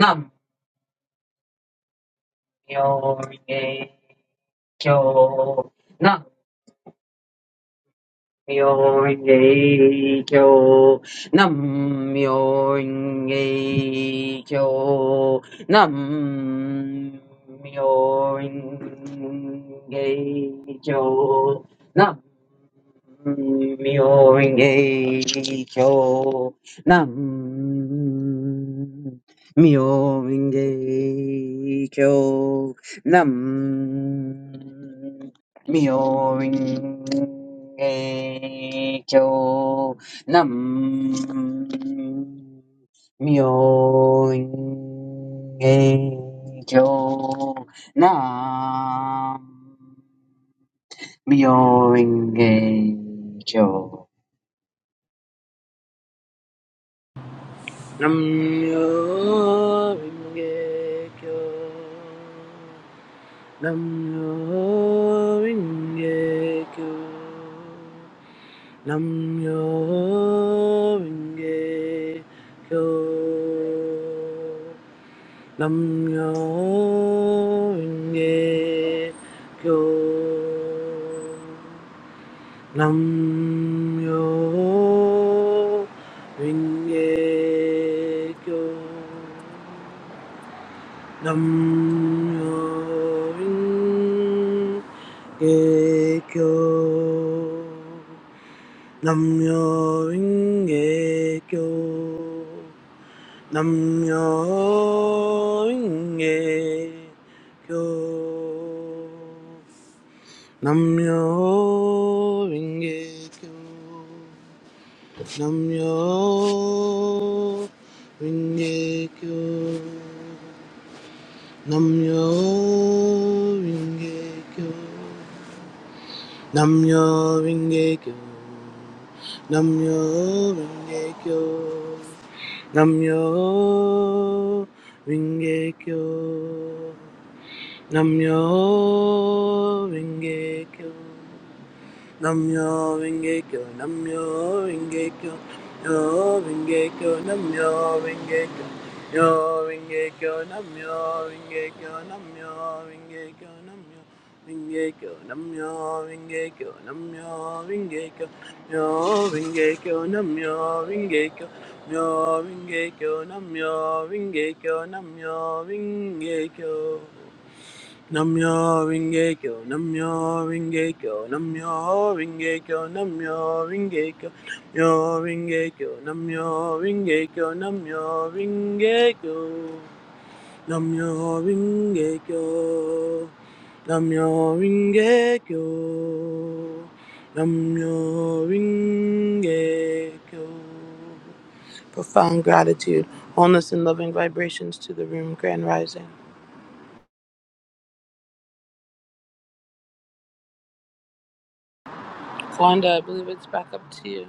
[SPEAKER 7] nam myo renge kyo Nam Myoho-renge-kyo. Nam-myoho-renge-kyo. Nam-myoho-renge-kyo. Nam-myoho-renge-kyo. Nam-myoho-renge-kyo. Nam. 明鏡nam nam
[SPEAKER 9] Namyo Ringe Kyo. Namyo Ringe Kyo. Namyo Ringe Kyo. Namyo Ringe Kyo. Nam yo renge kyo. Nam yo renge kyo. Nam yo renge kyo. Nam yo renge kyo. Namyo Ringekyo. Namyo Ringekyo. Namyo Ringekyo. Namyo Ringekyo. Namyo Ringekyo. Namyo Ringekyo. Namyo Rengekyo. Namyo Rengekyo. Namyo Rengekyo. Yo Rengekyo. Namyo Rengekyo. Yo Rengekyo. Namyo Rengekyo. Namyo Rengekyo. Namyo Rengekyo. Namyo Rengekyo. Namyo Rengekyo. Yo Rengekyo. Namyo Rengekyo. Yo Rengekyo. Namyo Rengekyo. Namyo Rengekyo. Namyo Ringekyo, Namyo Ringekyo, Namyo Ringekyo, Namyo Ringekyo, Namyo Ringekyo, Namyo Ringekyo, Namyo Ringekyo, Namyo Ringekyo, Namyo Ringekyo, Namyo Ringekyo. Profound gratitude, wholeness, and loving vibrations to the room, Grand Rising. Wanda, I believe it's back up to you.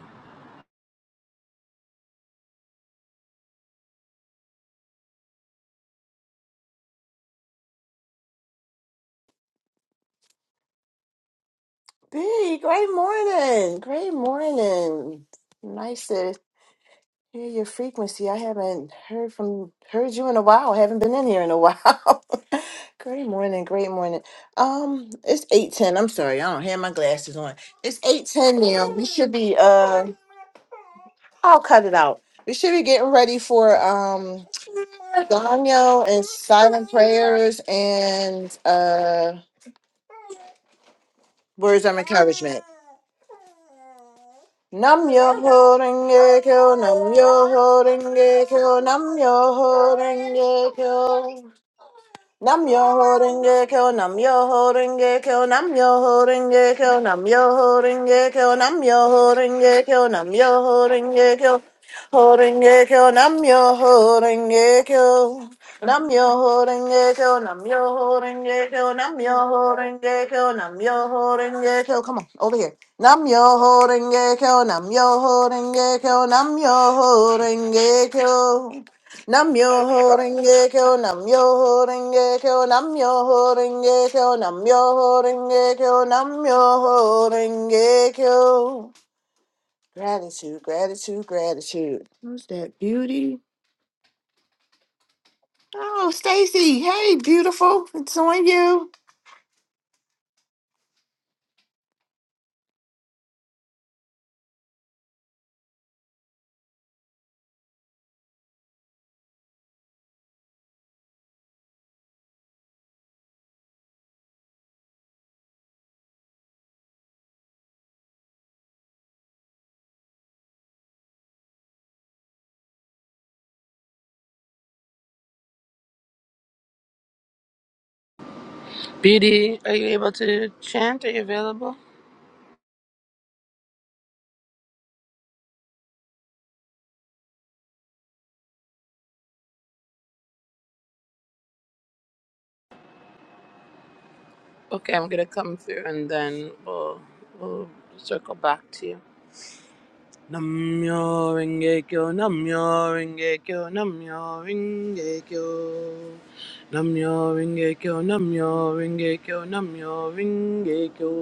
[SPEAKER 3] *laughs* B, great morning. Great morning. Nice to hear your frequency. I haven't heard from heard you in a while. I haven't been in here in a while. *laughs* great morning, great morning. Um, it's eight ten. I'm sorry, I don't have my glasses on. It's eight ten now. We should be uh I'll cut it out. We should be getting ready for um Daniel and silent prayers and uh words of encouragement. Nam yo holding it, holding it, nam yo holding it. Nam yo ho renge kyo, nam yo ho renge kyo, nam yo ho renge kyo, nam yo ho renge kyo, nam yo ho renge kyo, nam yo ho renge kyo, ho renge kyo, nam yo ho renge kyo, nam yo ho renge kyo, nam yo ho renge kyo, nam yo ho renge kyo, nam yo ho renge kyo. Come on, over here. Nam yo ho renge kyo, nam yo ho renge kyo, nam yo ho renge kyo. Namyoho Renge Kyo, Namyoho Renge Kyo, Namyoho Renge Kyo, Namyoho Renge Kyo, Namyoho Renge Kyo. Gratitude, gratitude, gratitude. Who's that beauty? Oh, Stacy. Hey, beautiful. It's on you.
[SPEAKER 9] Beauty, are you able to chant? Are you available? Okay, I'm gonna come through and then we'll we'll circle back to you. Namyo Rengekyo, Namyo Rengekyo, Namyo Rengekyo. Namyo Rengekyo, Namyo Rengekyo, Namyo Rengekyo.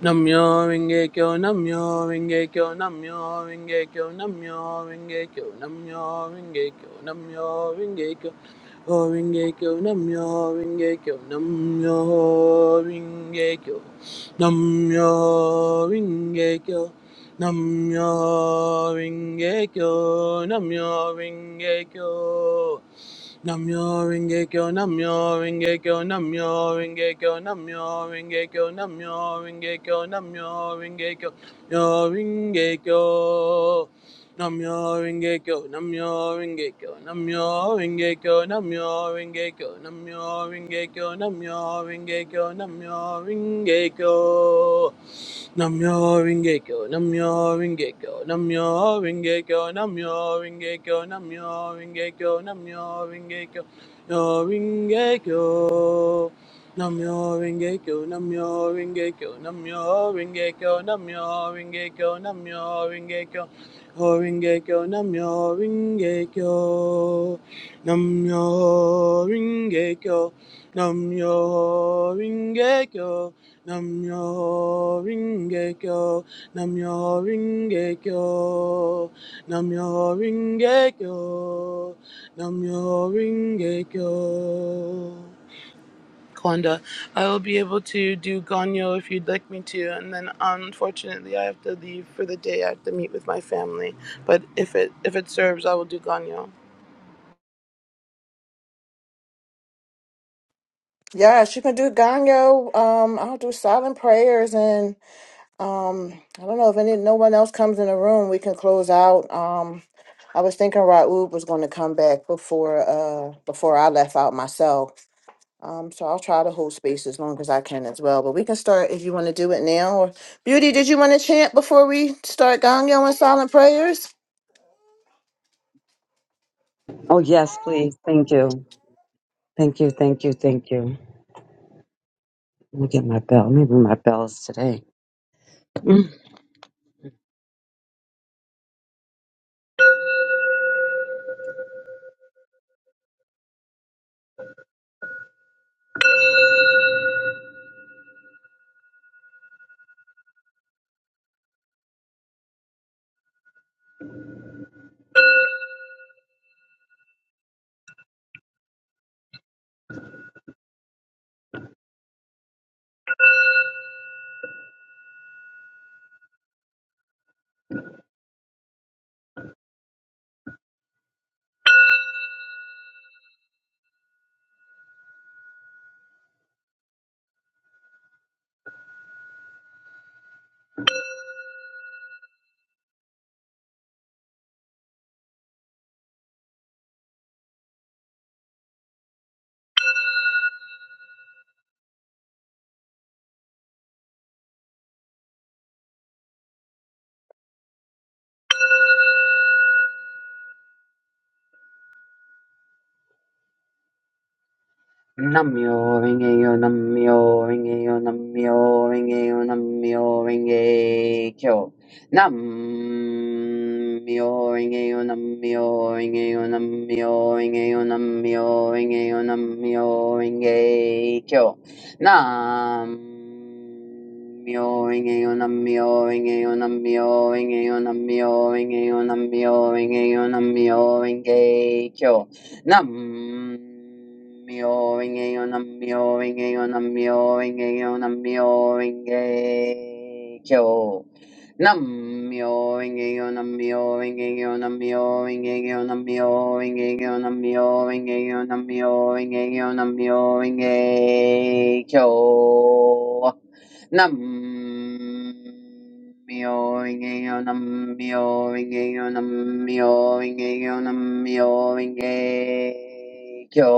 [SPEAKER 9] Namyo Rengekyo, Namyo Rengekyo, Namyo Rengekyo, Namyo Rengekyo, Namyo Rengekyo, Namyo Rengekyo. O Rengekyo, Namyo Rengekyo, Namyo Rengekyo. Namyo Rengekyo. Namyo Ringekyo, Namyo Ringekyo. Namyo Ringekyo, Namyo Ringekyo, Namyo Ringekyo, Namyo Ringekyo, Namyo Ringekyo, Namyo Ringekyo, Namyo Ringekyo. Namyo Ringekyo, Namyo Ringekyo, Namyo Ringekyo, Namyo Ringekyo, Namyo Ringekyo, Namyo Ringekyo, Namyo Ringekyo. Namyo Ringekyo, Namyo Ringekyo, Namyo Ringekyo, Namyo Ringekyo, Namyo Ringekyo, Namyo Ringekyo, Namyo Ringekyo. Namyo Ringekyo, Namyo Ringekyo, Namyo Ringekyo, Namyo Ringekyo, Namyo Ringekyo, Ho Ringekyo, Namyo Ringekyo, Namyo Ringekyo, Namyo Ringekyo. Namyo Ringekyo, Namyo Ringekyo, Namyo Ringekyo, Namyo Ringekyo. Kwanda, I will be able to do Ganyo if you'd like me to, and then unfortunately I have to leave for the day. I have to meet with my family, but if it if it serves, I will do Ganyo.
[SPEAKER 3] Yes, you can do Ganyo. Um, I'll do silent prayers and. Um, I don't know if any no one else comes in the room, we can close out. Um, I was thinking Raoub was going to come back before uh before I left out myself. Um, so I'll try to hold space as long as I can as well. But we can start if you want to do it now. Or Beauty, did you want to chant before we start Gongyo and silent prayers?
[SPEAKER 7] Oh, yes, please. Thank you. Thank you. Thank you. Thank you. Let me get my bell. Maybe my bell's today. Mm. Namyo Rengeyo Namyo Rengeyo Namyo Rengeyo Namyo Renge Kyo Nam Myo Rengeyo Namyo Rengeyo Namyo Rengeyo Namyo Rengeyo Namyo Renge Kyo Nam Nam-myoho-renge-kyo. Nam-myoho-renge-kyo, Nam-myoho-renge-kyo, Nam-myoho-renge-kyo, Nam-myoho-renge-kyo. Nam-myoho-renge-kyo, Nam-myoho-renge-kyo, Nam-myoho-renge-kyo, Nam-myoho-renge-kyo, Nam-myoho-renge-kyo, Nam-myoho-renge-kyo, Nam-myoho-renge-kyo. Nam myo inge yo nam myo inge yo nam myo inge yo nam myo inge kyo.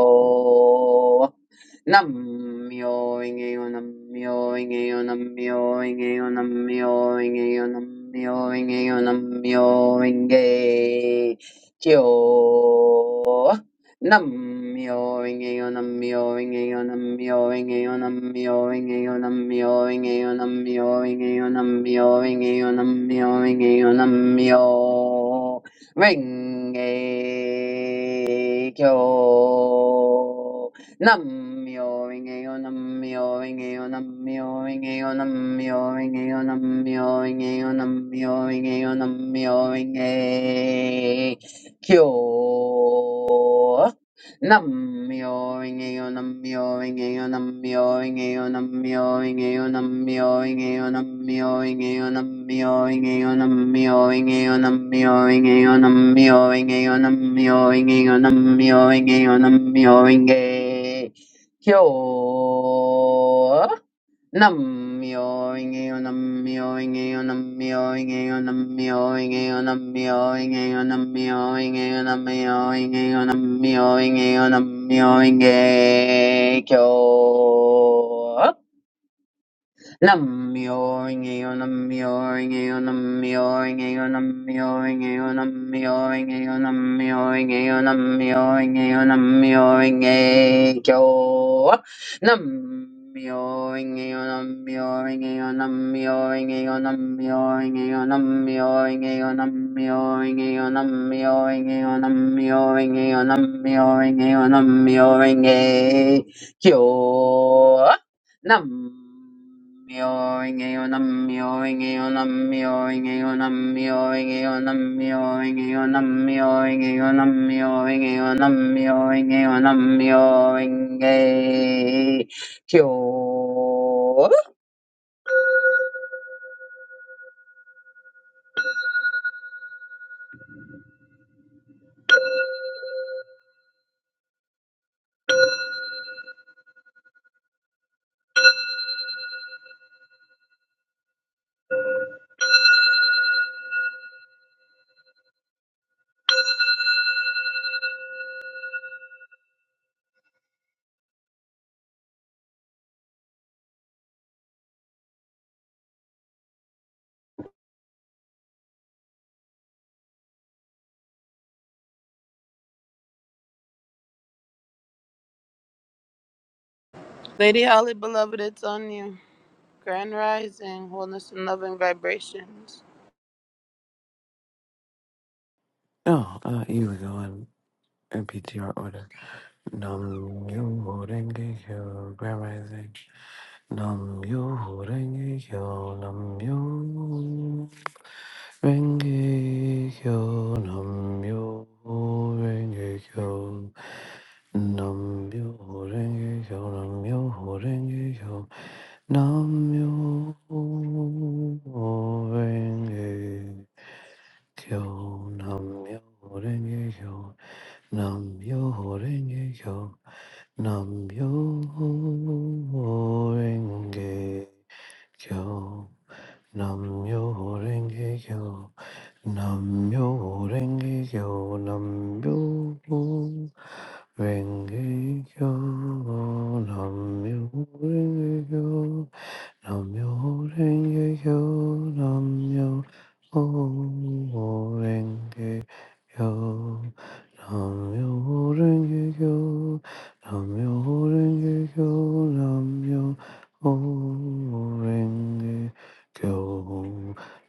[SPEAKER 7] Nam myo inge yo nam myo inge yo nam myo inge yo nam myo inge yo nam myo inge yo nam myo inge kyo. Nam-myoho-renge-kyo. Nam-myoho-renge-kyo, Nam-myoho-renge-kyo, Nam-myoho-renge-kyo, Nam-myoho-renge-kyo, Nam-myoho-renge-kyo, Nam-myoho-renge-kyo, Nam-myoho-renge-kyo. Namyo nam-myoho-renge-kyo. Namioring aon, namioring aon, namioring aon, namioring aon, namioring aon, namioring aon, namioring aon, namioring aon, namioring aon, namioring aon, namioring aon, namioring aon, namioring aon, namioring aon, namioring aon, namioring aon, namioring aon, namioring aon, namioring aon, Nam Kyo.
[SPEAKER 9] Lady Holly, beloved, it's on you. Grand rising, wholeness and loving vibrations.
[SPEAKER 10] Oh, uh, here we go, going in PTR order. Nam yo renge kyo, grand rising. Nam yo renge kyo, nam yo renge kyo, nam yo renge kyo. Nam yo renge kyo, nam yo renge kyo, nam yo renge kyo, nam yo renge kyo. Nam yo ho renge kyo. Nam yo ho renge kyo. Nam yo ho renge kyo. Nam yo ho renge kyo. Nam yo ho renge kyo. Nam yo ho renge kyo. 남요랭개교 남요랭개교 남요랭개교 남요랭개교 남요랭개교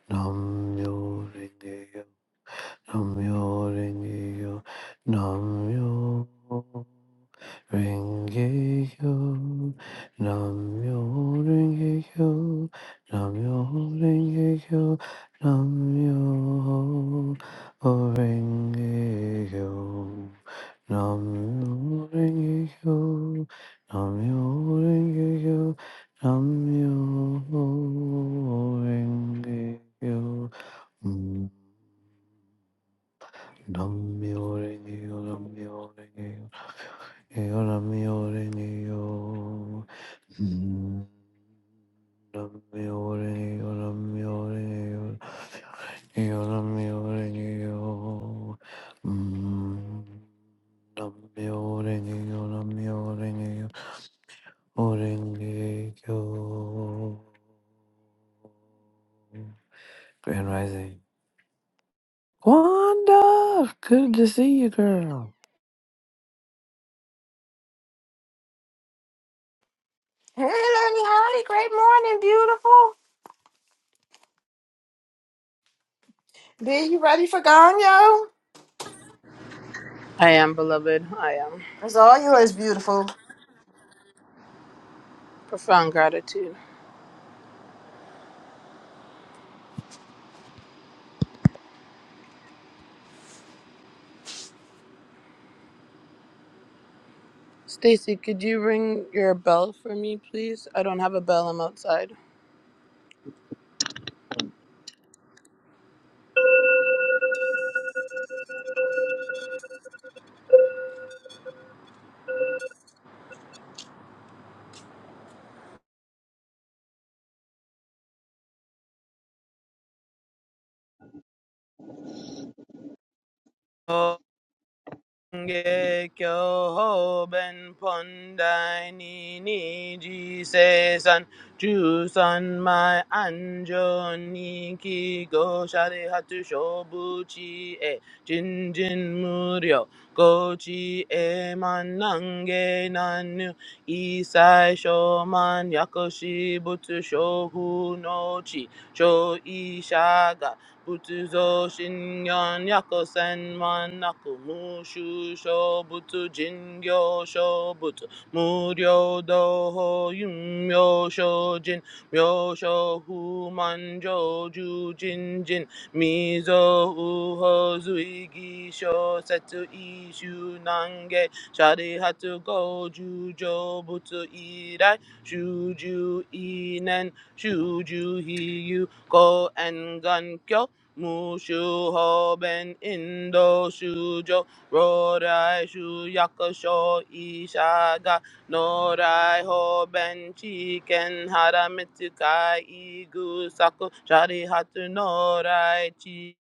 [SPEAKER 10] 남요랭개교 남요랭개교 남요 Renge-kyo, Namyo Renge-kyo, Namyo Renge-kyo, Namyo Renge-kyo, Namyo Renge-kyo, Namyo Renge-kyo, Namyo Renge-kyo. Mm. Namyo Renge-kyo, Namyo Renge-kyo. Yo namyo renge yo. Namyo renge yo, namyo renge yo. Yo namyo renge yo. Mm. Namyo renge yo, namyo renge yo. Renge yo. Grand Rising. Wanda! Good to see you, girl.
[SPEAKER 3] Hey, Lady Holly, great morning, beautiful. B, you ready for Gongyo?
[SPEAKER 9] I am beloved. I am.
[SPEAKER 3] It's all yours, beautiful.
[SPEAKER 9] Profound gratitude. Stacy, could you ring your bell for me, please? I don't have a bell. I'm outside. Oh. Gekyo Ben Pondai Nini Jise San Chu San Mai Anjo Niki Go Shari Hatu Shobu Chi E Jin Jin Muryo Go Chi E Man Nange Nanu Isai Shoman Yakoshi Butsu Shohu No Chi Sho Butuzo Shingon Yako Senman Naku Mushu Sho Butu Jingyo Sho Butu Muryo Doho Yum yo Sho Jin Myo Sho Hu Manjo Ju Jin Jin Mizo Uho Zui Gisho Setu Ishu Nange Shari Hatu Goju Jo Butu Irai Shuju Inen Shuju Hiyu Go and Gun Kyo Mushu Hoben Indo Shujo Rodai Shu Yakusho Ishaga Norai Hoben Chiken Haramitsukai Igu Saku Shari Hatu Norai chi.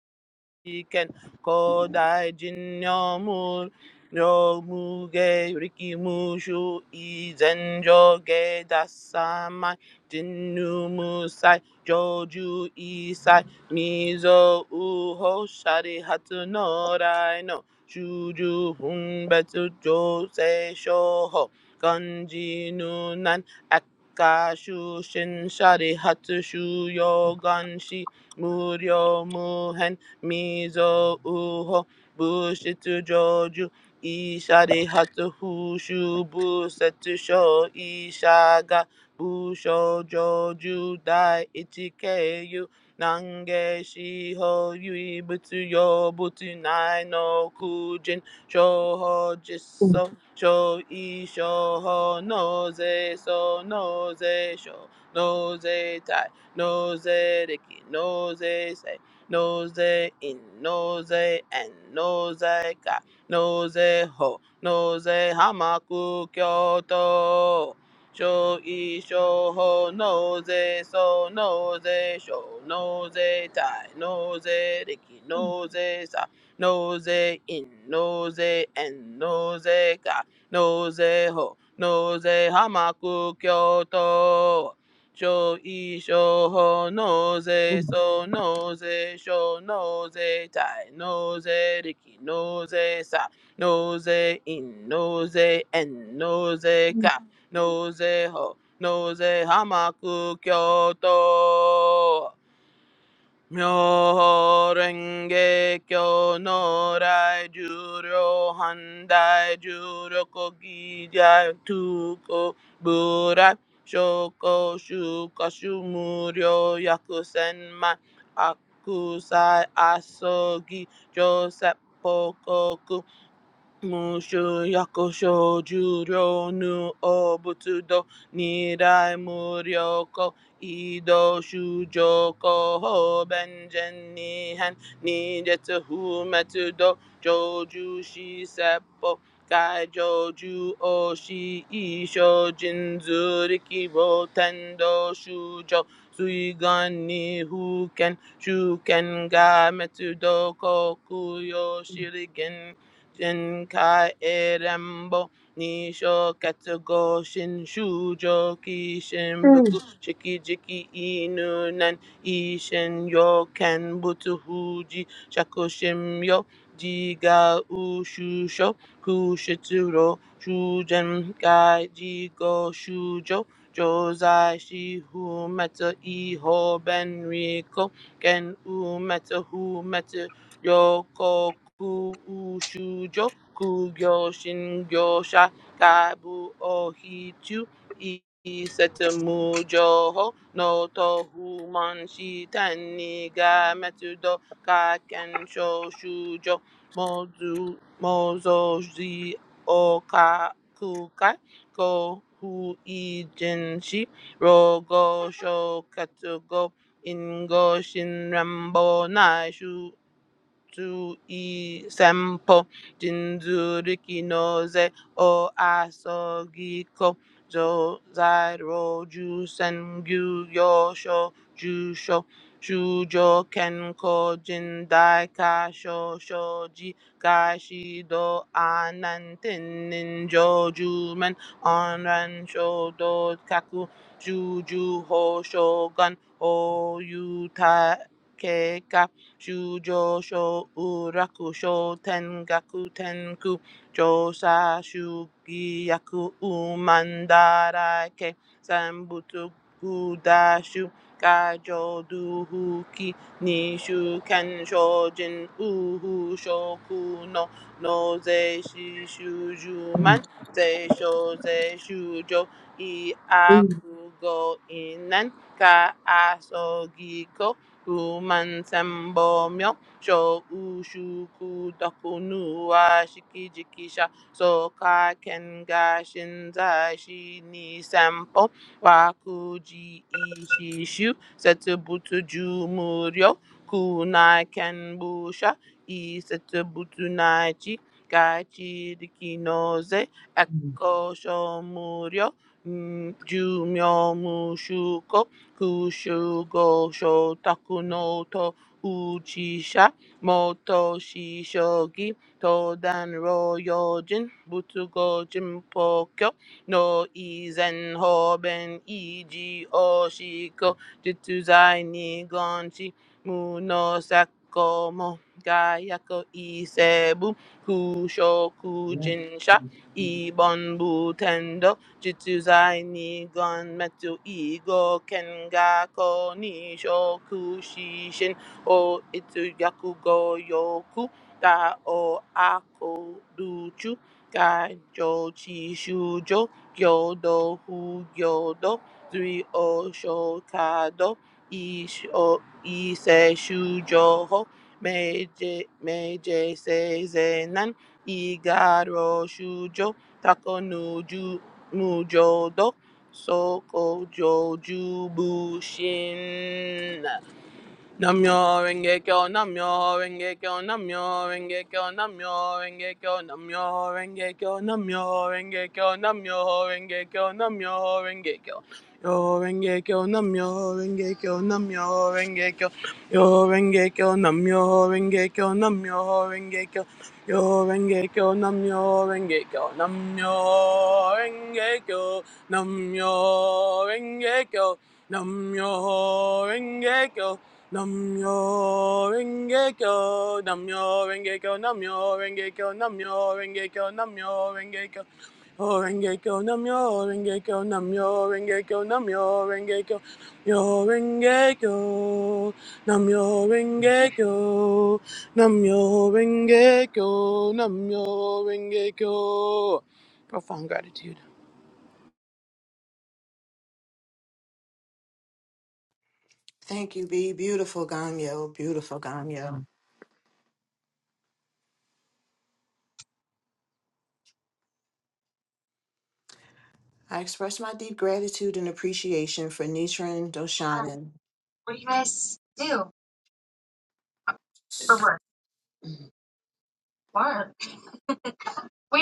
[SPEAKER 9] Riken Kodai Jin Yomur Yomuge Riki Mushu Izen Joge Dasamai Jinu Musai Joju Isai Mizo Uho Shari Hatu Norai no Shuju Hunbetsu Jose Shoho Ganji Nunan Akashu Shin Shari Hatu Shuyo Ganshi Muryo Mizo uho bushitu joju Ishade hatu hushu busetu sho Ishaga busho joju dai ichikeyu Nange shiho yui butsu yo butsu nai no kujin Shoho jiso Sho ishoho noze so noze sho noze tai noze riki noze sei nose in, nose and nose ka, nose ho, nose hamaku kyoto. Show e show ho nose so nose show nose tie nose riki nose sa nose in nose and nose ka nose ho nose hamaku kyoto Sho e sho ho no ze so no ze sho no ze tai no ze riki no ze sa no ze in no ze en no ze ka no ze ho no ze hamaku kyoto Myorenge kyo no rai juro handai juro kogi jai tuko burai shoko shuka shumuryo yakusenma akusai asogi joseph Mushu yakusho juryo nu obutsudo nirai muryoko ido shujoko ho benjen nihan nijetsu humetsudo joju shi seppo kai joju oshi isho jinzuriki wo tendo shujo suigan ni huken shuken ga metsudo koku yo shirigen Jinkai Erembo Nisho Katsugo Shinshu Joki Shinbuku Shiki Jiki Inu Nan Ishin Yo Ken Butsu Huji Shakushin Yo Jiga Ushusho Kushitsuro Shujen Kai Jigo Shujo Josai Shihu Meta Iho Ben Riko Ken U Meta hu Meta Yokoku Ushujo Kugyo Shingyo Shakabu Ohichu Isetemu Joho No Tohu Manshi Taniga Metsudo Kaken Shoshujo Mozu Mozo Zi Oka Kukai Kohu Ijinshi Rogo Shokatsugo Ingo Shin Rambo Naishu tu i sempo jinzuriki no ze o asogiko zo zairo ju sengyu yosho jusho shujo kenko jindai kasho shoji kashido anantin ninjo jumen onran shodo kaku juju ho shogun o yuta Shujo sho uraku sho tengaku tenku josa shugiyaku umandarake sambutsu gudashu gajo duhuki nishu kensho jin uhu shoku no no ze shishuju man ze sho ze shujo i akugo inan ka Uman sembo myo sho ushu doku nu wa shiki jikisha so ka ga shinza shi ni sempo wa ku ji ishi kunai kenbusha butu ju muryo ku i setu butu chi ka chi riki no ze eko sho muryo ju Kushu go shotaku no to uchisha moto shishogi todan ro yojin butsu go jinpokyo no izen hoben iji oshiko jitsu zai nigonshi munosako mo gayako isebu kushoku jinsha ibon Jitsuzai Nigon Metsu Igo Kengako Nisho Kushishin O Itsu Yakugo Yoku Da O Ako Duchu Gajo Chishujo Gyodo Hu Gyodo Zui O Shokado Ish O Ise Shujoho Meije Meije Seizenan Igaro Shujo Takonuju Mujodo Soko Joju Bushin Namyo Renge Kyo, Namyo Renge Kyo, Namyo Renge Kyo, Namyo Renge Kyo, Namyo Renge Kyo, Namyo Renge Kyo, Namyo Renge Kyo, Namyo Renge Kyo. Yo Renge Kyo, Namyo Renge Kyo, Namyo Renge Kyo, Yo Renge Kyo, Namyo Renge Kyo, Namyo Renge Kyo, Yo Renge Kyo, Namyo Renge Kyo, Namyo Renge Kyo, Namyo Renge Kyo, Namyo Renge Kyo. Namyo Renge Kyo, Namyo Renge Kyo, Namyo Renge Kyo, Namyo Renge Kyo, Namyo Renge Kyo. Oh, Renge Kyo, Namyo Renge Kyo, Namyo Renge Kyo, Namyo Renge Kyo, Yo Renge Kyo, Namyo Renge Kyo, Namyo Renge Kyo, Namyo Renge Kyo. Profound gratitude.
[SPEAKER 3] Thank you, B. Beautiful Gongyo, beautiful Gongyo. I express my deep gratitude and appreciation for Nichiren Doshanan.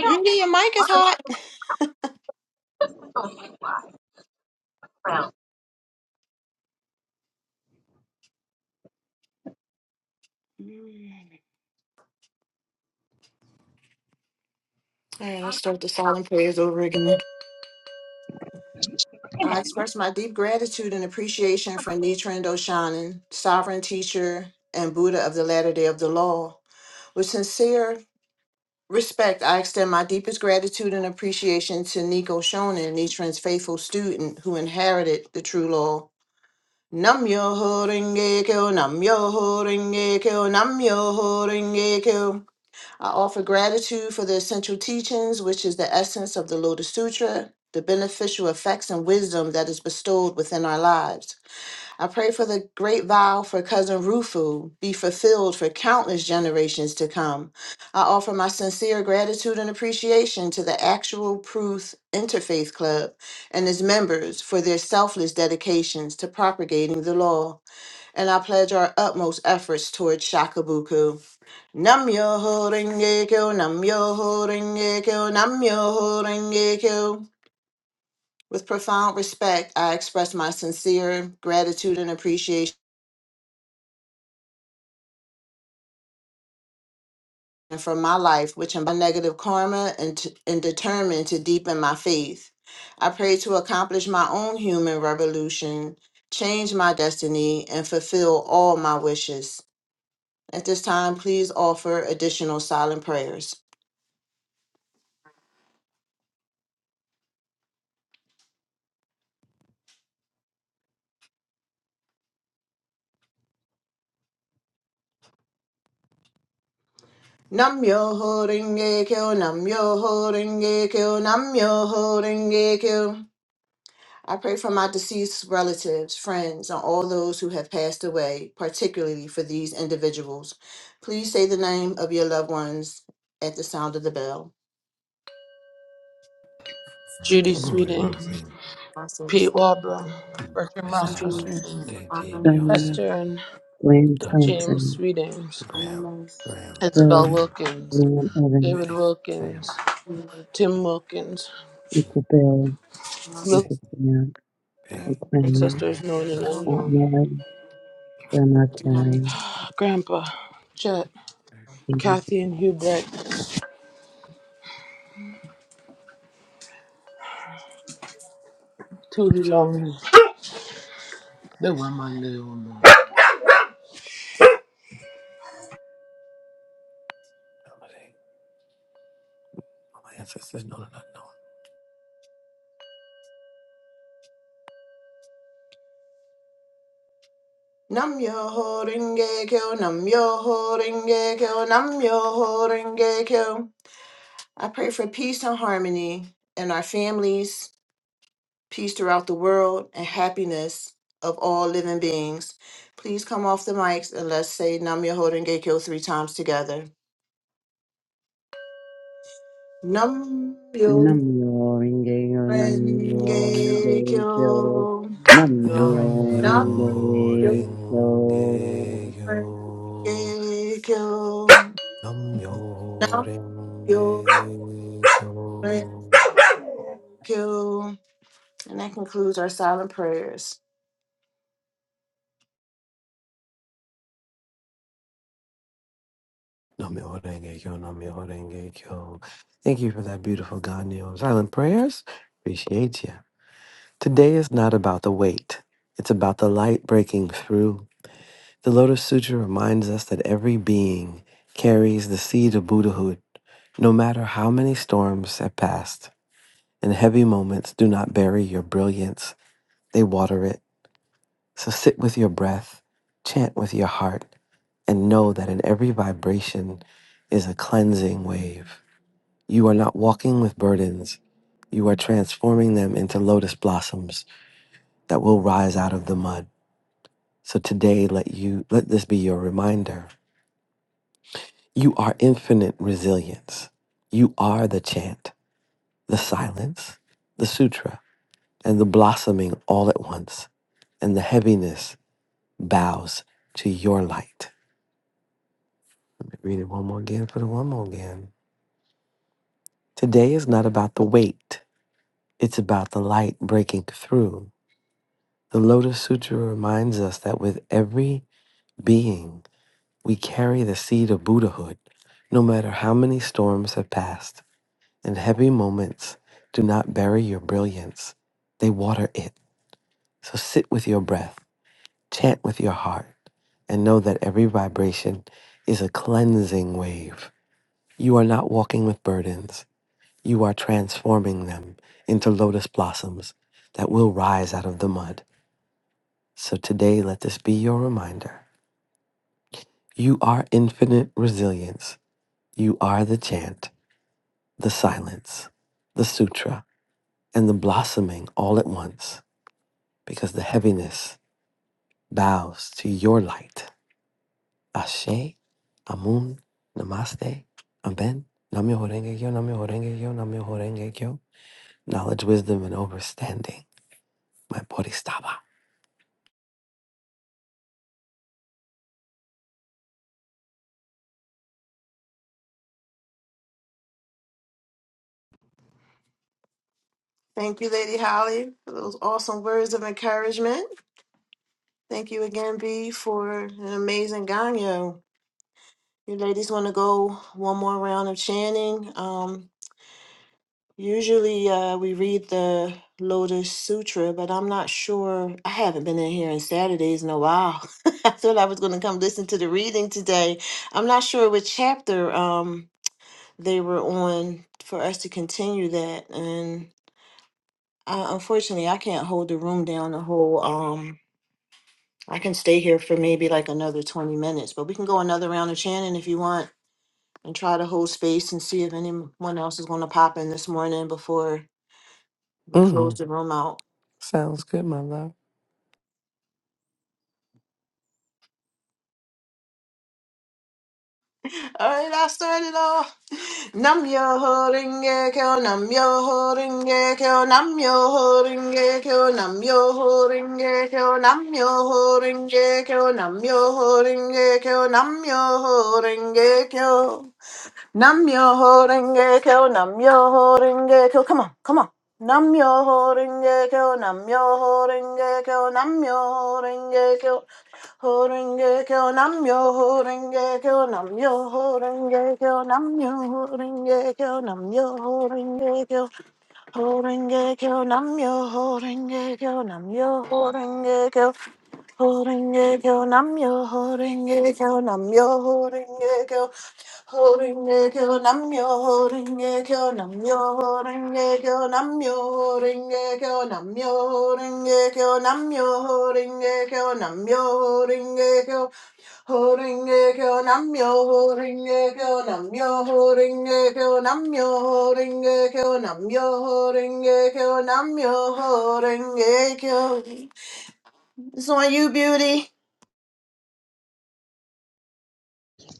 [SPEAKER 3] Beauty, your mic is hot. All right, let's start the silent prayers over again. I express my deep gratitude and appreciation for Nichiren Doshanan, sovereign teacher and Buddha of the latter day of the law. With sincere respect, I extend my deepest gratitude and appreciation to Nico Shonin, Nichiren's faithful student who inherited the true law. Nam yo ho renge kyo, nam yo ho renge kyo, nam yo ho renge kyo. I offer gratitude for the essential teachings, which is the essence of the Lotus Sutra, the beneficial effects and wisdom that is bestowed within our lives. I pray for the great vow for cousin Rufu be fulfilled for countless generations to come. I offer my sincere gratitude and appreciation to the Actual Proof Interfaith Club and its members for their selfless dedications to propagating the law and I pledge our utmost efforts towards Shakabuku. Namyo Horenge Kyo, Namyo Horenge Kyo, nam yo ho Horenge Kyo. With profound respect, I express my sincere gratitude and appreciation for my life, which am my negative karma and, t- and determined to deepen my faith. I pray to accomplish my own human revolution, change my destiny, and fulfill all my wishes. At this time, please offer additional silent prayers. Nam yo ho renge kyo, nam yo ho renge kyo, nam yo ho renge kyo. I pray for my deceased relatives, friends, and all those who have passed away, particularly for these individuals. Please say the name of your loved ones at the sound of the bell.
[SPEAKER 9] Judy
[SPEAKER 3] Cousin Kate,
[SPEAKER 10] Roy
[SPEAKER 9] Sweden,
[SPEAKER 10] Ruthie.
[SPEAKER 9] Pete
[SPEAKER 3] Marcus,
[SPEAKER 9] Wabra, Bertrand Roscoe
[SPEAKER 3] Audrey,
[SPEAKER 10] Gustavo.
[SPEAKER 9] Sweden,
[SPEAKER 10] JT,
[SPEAKER 3] Aubrey,
[SPEAKER 7] Diana
[SPEAKER 10] Joanne.
[SPEAKER 9] Esther
[SPEAKER 7] Lynn
[SPEAKER 9] James
[SPEAKER 7] Thompson,
[SPEAKER 9] Sweetings,
[SPEAKER 10] Graham,
[SPEAKER 3] Anona,
[SPEAKER 10] Graham,
[SPEAKER 7] Pearl
[SPEAKER 9] Isabel
[SPEAKER 10] Graham,
[SPEAKER 9] Wilkins,
[SPEAKER 7] Lynn Evans,
[SPEAKER 9] David
[SPEAKER 10] Betty, Sam,
[SPEAKER 9] Wilkins, Tim Wilkins,
[SPEAKER 7] Uncle
[SPEAKER 10] Nick,
[SPEAKER 7] Bill,
[SPEAKER 9] Mil-
[SPEAKER 7] Uncle Sam, Uncle
[SPEAKER 10] Peggy,
[SPEAKER 3] Grandpa Robert,
[SPEAKER 7] Clement,
[SPEAKER 9] ancestors
[SPEAKER 10] Connor,
[SPEAKER 9] known and
[SPEAKER 10] Ryan,
[SPEAKER 7] Aunt
[SPEAKER 9] unknown,
[SPEAKER 7] Mary, Grandma
[SPEAKER 3] Mama,
[SPEAKER 7] Carrie,
[SPEAKER 9] Grandpa, Chet, Kathy and Hubert, Tootie
[SPEAKER 10] Jonathan,
[SPEAKER 9] Longley, the woman, the
[SPEAKER 10] Melody, all my ancestors, known and unknown.
[SPEAKER 3] Nam yo ho renge kyo, nam yo ho renge kyo, nam yo ho renge kyo. I pray for peace and harmony in our families, peace throughout the world, and happiness of all living beings. Please come off the mics and let's say Nam yo ho renge kyo three times together. Nam yo
[SPEAKER 7] Nam-myoho-renge-kyo. nam Namyo
[SPEAKER 10] Kia.
[SPEAKER 3] renge
[SPEAKER 7] Rinkeyo,
[SPEAKER 3] kyo.
[SPEAKER 7] Namyo
[SPEAKER 10] Nam
[SPEAKER 9] woman.
[SPEAKER 7] Rinkeyo, Namyo
[SPEAKER 3] Nam
[SPEAKER 10] yo
[SPEAKER 3] yo
[SPEAKER 7] Rinkeyo.
[SPEAKER 10] renge yo.
[SPEAKER 3] renge kyo.
[SPEAKER 10] Nam yo
[SPEAKER 3] Nam yo
[SPEAKER 10] renge
[SPEAKER 3] renge
[SPEAKER 10] yo.
[SPEAKER 3] kyo. And that concludes our silent prayers.
[SPEAKER 10] Nam yo renge yo. Nam yo renge yo. Thank you for that beautiful God Neo silent prayers. Appreciate you. Today is not about the weight, it's about the light breaking through. The Lotus Sutra reminds us that every being carries the seed of Buddhahood, no matter how many storms have passed. And heavy moments do not bury your brilliance, they water it. So sit with your breath, chant with your heart, and know that in every vibration is a cleansing wave. You are not walking with burdens, you are transforming them into lotus blossoms that will rise out of the mud. So today let you let this be your reminder. You are infinite resilience. You are the chant, the silence, the sutra, and the blossoming all at once, and the heaviness bows to your light. Read it one more again for the one more again. Today is not about the weight. It's about the light breaking through. The Lotus Sutra reminds us that with every being, we carry the seed of Buddhahood, no matter how many storms have passed. In heavy moments, do not bury your brilliance, they water it. So sit with your breath, chant with your heart, and know that every vibration is a cleansing wave. You are not walking with burdens, you are transforming them into lotus blossoms that will rise out of the mud. So today, let this be your reminder. You are infinite resilience. You are the chant, the silence, the sutra, and the blossoming all at once. because the heaviness bows to your light. Ashe, Amun, Namaste, Amen. Namyo Horenge Kyo, Namyo Horenge Kyo, Namyo Horenge Kyo. Knowledge, wisdom, and understanding. My Bodhisattva.
[SPEAKER 3] Thank you, Lady Holly, for those awesome words of encouragement. Thank you again, B, for an amazing ganyo. You ladies want to go one more round of chanting. Um, usually uh, we read the Lotus Sutra, but I'm not sure. I haven't been in here on Saturdays in a while. *laughs* I thought I was going to come listen to the reading today. I'm not sure which chapter um, they were on for us to continue that. Uh, unfortunately, I can't hold the room down the whole. Um, I can stay here for maybe like another twenty minutes, but we can go another round of chanting if you want, and try to hold space and see if anyone else is going to pop in this morning before we close
[SPEAKER 10] Mm,
[SPEAKER 3] the room out.
[SPEAKER 10] sounds good, my love.
[SPEAKER 3] *laughs* All right, I started off. Nam yo holding gecko, nam yo holding gecko, nam yo holding gecko, nam yo holding gecko, nam yo holding gecko, nam yo holding gecko, nam yo holding gecko. Nam yo ho holding gecko, nam yo ho holding gecko. Come on, come on. Nam yo ho holding gecko, nam yo ho holding gecko, nam yo ho holding ho holding gecko, nam yo ho holding gecko, nam yo ho holding gecko, nam yo holding gecko, nam yo holding gecko, holding gecko, nam yo ho holding gecko, nam yo ho holding gecko. Holding a girl, I'm your holding a girl, I'm your holding a girl, holding a girl, I'm your holding a girl, I'm your holding a girl, I'm your holding a girl, I'm your holding a girl, I'm your holding a girl, I'm your holding a girl, holding a girl, I'm your holding a girl, I'm your holding a girl, I'm your holding a girl, I'm your holding a girl, I'm your holding a girl. It's on you, beauty.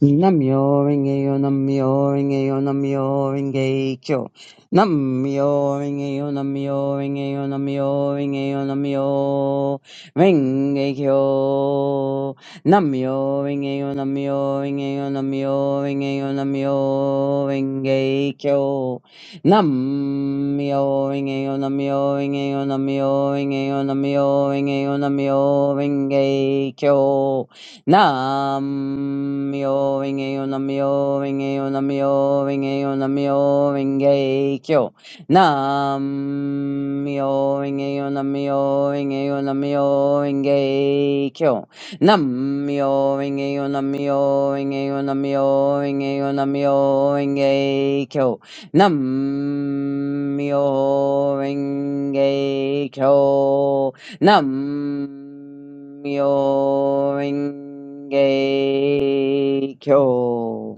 [SPEAKER 7] Namyo Rengeyo Namyo Rengeyo Namyo Renge Kyo. Namyo Rengeyo Namyo Rengeyo Namyo Rengeyo Namyo Renge Kyo. Namyo Rengeyo Namyo Rengeyo Namyo Rengeyo Namyo Renge Kyo. Namyo Rengeyo Namyo Rengeyo Namyo Rengeyo Namyo Rengeyo Namyo Renge Kyo. Nam myo renge yo nam myo renge yo nam myo renge yo nam myo renge kyo. Nam myo renge yo nam myo renge yo nam myo renge kyo. Nam myo renge yo nam myo renge yo nam myo renge yo nam myo renge kyo. Nam myo renge kyo. Nam Myo Renge Kyo.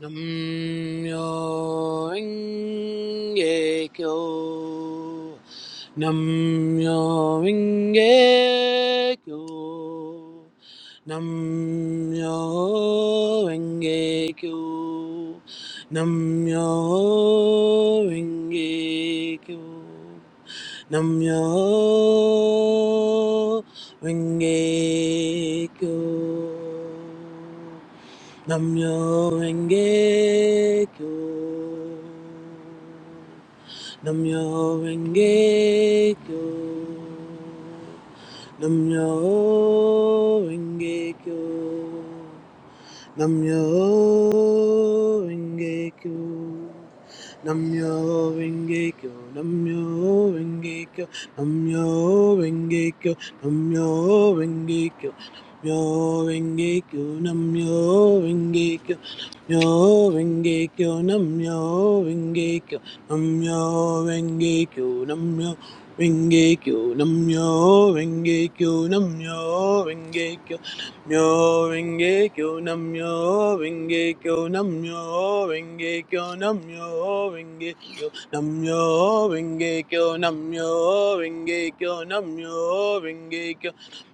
[SPEAKER 9] nam myoho inge kyo nam myoho inge kyo nam myoho inge kyo nam myoho inge kyo nam myoho inge kyo Namyo Renge Kyo. Namyo Renge Kyo. Namyo Renge Kyo. Namyo Renge Kyo. Namyo Renge Kyo. Namyo Renge Kyo. Namyo Renge Kyo. Namyo Renge Kyo. Myo renge kyo nam yo renge kyo yo, renge kyo nam myo renge kyo nam myo renge kyo nam myo renge kyo nam myo renge kyo nam yo renge kyo yo, renge kyo nam myo renge kyo nam myo renge kyo nam myo renge kyo nam myo renge kyo nam yo renge kyo nam myo renge kyo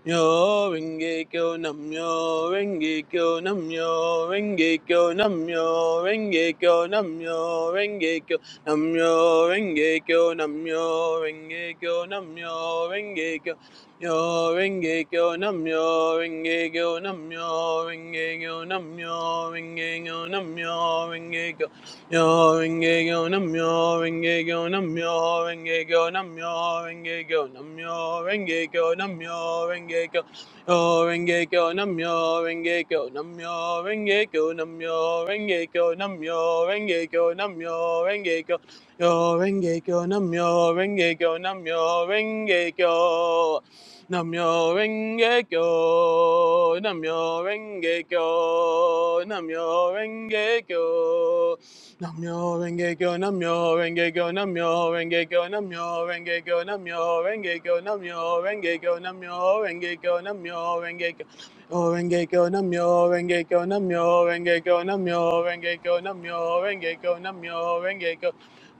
[SPEAKER 9] Yo Renge Kyo Nam Yo Renge Kyo Nam Yo Renge Kyo Nam Yo Renge Kyo Nam Yo Renge Kyo Nam Yo Renge Kyo Nam Yo Renge Kyo Nam Yo Renge Kyo Yo Renge Kyo Nam Yo Renge Kyo Nam Yo Renge Kyo Nam Yo Renge Kyo Nam Yo Renge Kyo Yo renge go nam yo renge go nam yo renge go nam yo renge go nam yo renge go nam yo renge go yo renge go nam yo renge go nam yo renge go nam yo renge go nam yo renge go nam yo renge go yo renge go nam yo renge go nam yo renge go Namyo Renge Kyo, Namyo Renge Kyo, Namyo Renge Kyo, Namyo renge kyo, namyo renge kyo, namyo renge kyo, namyo renge kyo, namyo renge kyo, namyo renge kyo, namyo renge kyo, namyo renge kyo. O renge kyo, namyo renge kyo, namyo renge kyo, namyo renge kyo, namyo renge kyo, namyo renge kyo.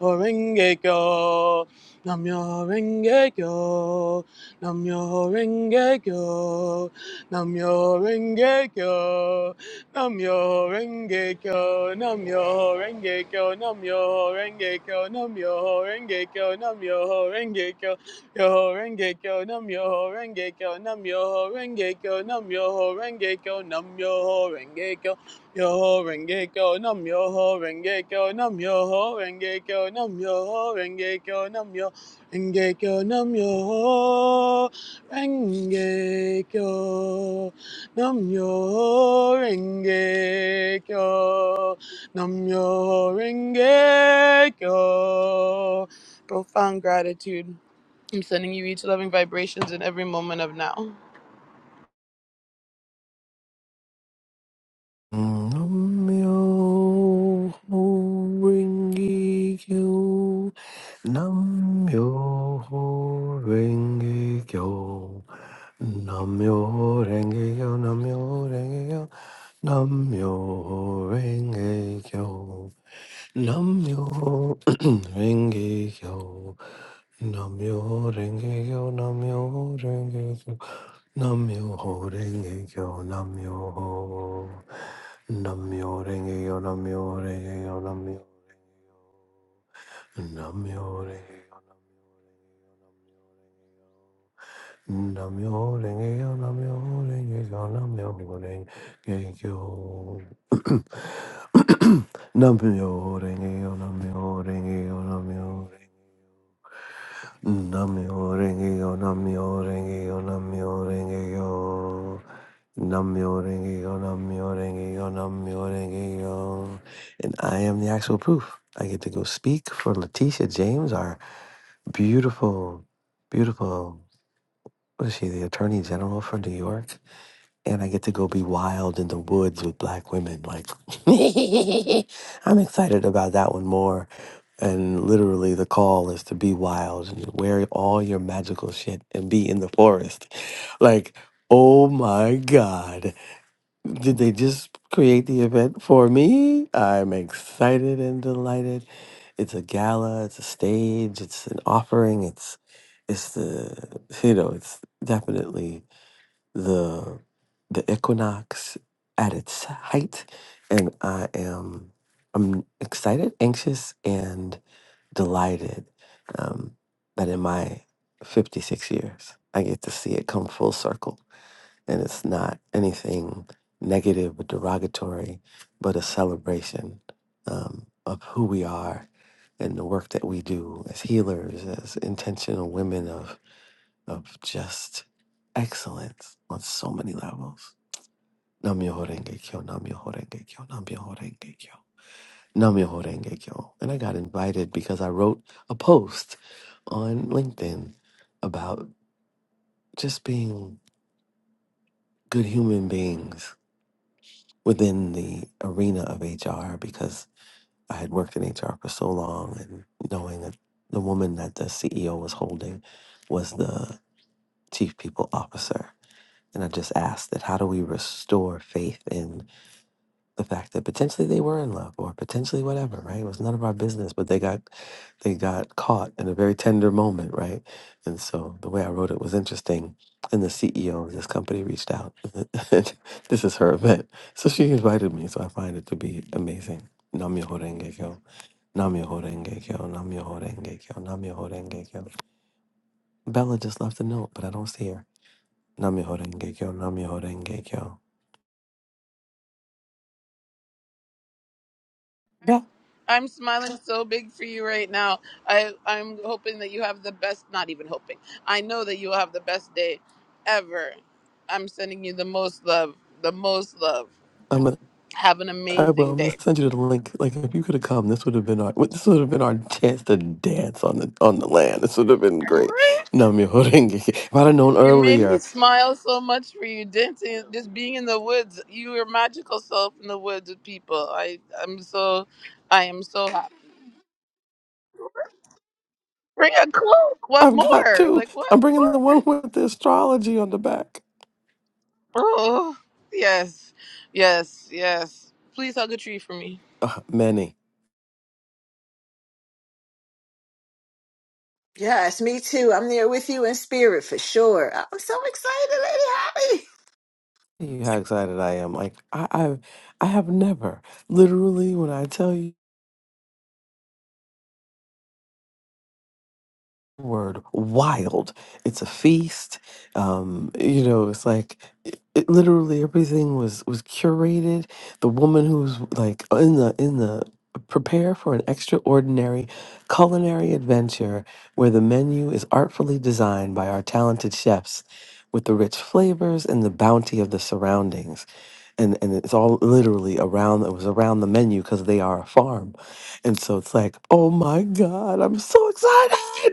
[SPEAKER 9] O renge kyo, namyo renge kyo, namyo renge kyo, namyo renge kyo. Nam yo renge kyo, nam yo renge kyo, nam yo renge kyo, nam yo renge kyo, nam yo renge kyo, yo renge kyo, nam yo renge kyo, nam yo renge kyo, nam yo renge kyo, nam yo renge kyo, yo renge kyo, nam yo renge kyo, nam yo renge kyo, nam yo renge kyo, nam yo renge kyo, nam yo renge kyo. Namyo Renge Kyo. Namyo Renge Kyo. Profound gratitude. I'm sending you each loving vibrations in every moment of now.
[SPEAKER 10] Namyo Renge Kyo. Namyo Renge Kyo. Namyo Renge Kyo. Namyo Renge Kyo. Namyo Renge Kyo. Namyo *clears throat* Renge Kyo. Namyo Renge Kyo. Namyo Renge Kyo. Namyo Renge Kyo. Namyo Namyo renge yo namyo renge yo namyo renge yo namyo renge yo namyo renge yo namyo renge yo Namyo renge kyo, namyo renge kyo, namyo renge kyo. Namyo renge kyo, namyo renge kyo, namyo renge Namyo renge kyo, namyo renge kyo, namyo renge kyo. Namyo renge kyo, namyo renge kyo, namyo renge kyo. And I am the actual proof. I get to go speak for Letitia James, our beautiful, beautiful was she the attorney general for New York? And I get to go be wild in the woods with black women. Like, *laughs* I'm excited about that one more. And literally, the call is to be wild and wear all your magical shit and be in the forest. Like, oh my God. Did they just create the event for me? I'm excited and delighted. It's a gala, it's a stage, it's an offering, it's it's the you know, it's definitely the the equinox at its height and I am I'm excited, anxious and delighted um that in my 56 years I get to see it come full circle and it's not anything negative or derogatory, but a celebration um, of who we are and the work that we do as healers, as intentional women of of just excellence on so many levels. Namyoho Renge Kyo, Namyoho Renge Kyo, Namyoho Renge Kyo, Namyoho Renge Kyo. And I got invited because I wrote a post on LinkedIn about just being good human beings within the arena of HR because I had worked in HR for so long and knowing that the woman that the CEO was holding was the chief people officer. And I just asked that how do we restore faith in the fact that potentially they were in love or potentially whatever, right? It was none of our business, but they got they got caught in a very tender moment, right? And so the way I wrote it was interesting. And the CEO of this company reached out. *laughs* this is her event. So she invited me. So I find it to be amazing. Namyoho Renge Kyo. Namyoho Renge Kyo. Namyoho Renge Kyo. Namyoho Renge Kyo. Bella just left a note, but I don't see her. Namyoho Renge Kyo. Namyoho Renge Kyo. Yeah.
[SPEAKER 9] I'm smiling so big for you right now. I I'm hoping that you have the best. Not even hoping. I know that you will have the best day ever. I'm sending you the most love. The most love.
[SPEAKER 10] I'm
[SPEAKER 9] Have an
[SPEAKER 10] I will.
[SPEAKER 9] amazing
[SPEAKER 10] I'm gonna
[SPEAKER 9] day.
[SPEAKER 10] send you the link. Like, if you could have come, this would have been our this would have been our chance to dance on the on the land. This would have been great. No, me *laughs* If I'd have known
[SPEAKER 9] You made me
[SPEAKER 10] earlier,
[SPEAKER 9] smile so much for you dancing, just being in the woods. You were magical self in the woods with people. I, I'm so, I am so happy. Bring a cloak. What
[SPEAKER 10] I've got
[SPEAKER 9] more?
[SPEAKER 10] two.
[SPEAKER 9] Like
[SPEAKER 10] I'm
[SPEAKER 9] what?
[SPEAKER 10] bringing the one with the astrology on the back.
[SPEAKER 9] Oh, yes, yes, yes. Please hug a tree for me.
[SPEAKER 10] Uh, many.
[SPEAKER 3] Yes, me too. I'm there with you in spirit for sure. I'm so excited, Lady Holly.
[SPEAKER 10] You know how excited I am. Like I, I, I have never literally when I tell you. word wild it's a feast um you know it's like it, it literally everything was was curated the woman who's like in the in the prepare for an extraordinary culinary adventure where the menu is artfully designed by our talented chefs with the rich flavors and the bounty of the surroundings and and it's all literally around it was around the menu because they are a farm and so it's like oh my god i'm so excited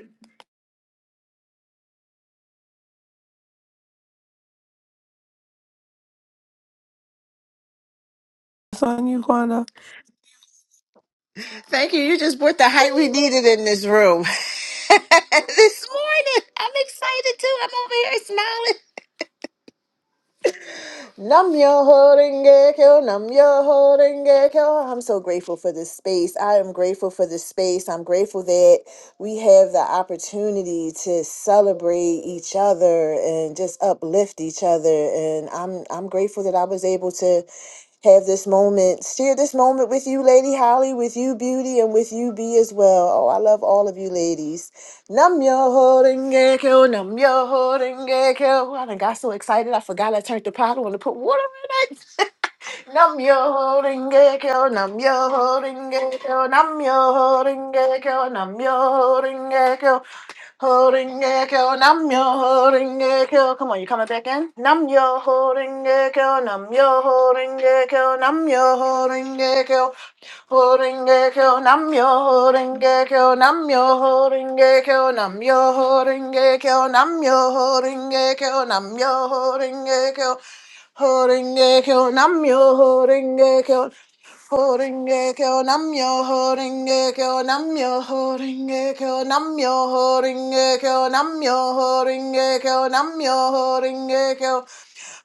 [SPEAKER 10] It's on you, Quanda.
[SPEAKER 3] Thank you. You just brought the height we needed in this room. *laughs* this morning. I'm excited too. I'm over here smiling. Nam yo horenge kyo, nam yo horenge kyo. I'm so grateful for this space. I am grateful for this space. I'm grateful that we have the opportunity to celebrate each other and just uplift each other. And I'm I'm grateful that I was able to have this moment, share this moment with you, Lady Holly, with you, Beauty, and with you, B as well. Oh, I love all of you ladies. Nam yo holding gecko, nam yo holding gecko. And I done got so excited I forgot I turned the bottle and to put water in it. *laughs* nam yo holding gecko, nam yo holding gecko, nam yo holding gecko, nam yo holding gecko, holding gecko, nam yo holding gecko. Come on, you coming back in? Nam yo holding gecko, nam yo holding gecko, nam yo holding gecko. Horingekyo namyo horingekyo namyo horingekyo namyo horingekyo namyo horingekyo namyo horingekyo horingekyo namyo horingekyo horingekyo namyo horingekyo namyo horingekyo namyo horingekyo namyo horingekyo namyo horingekyo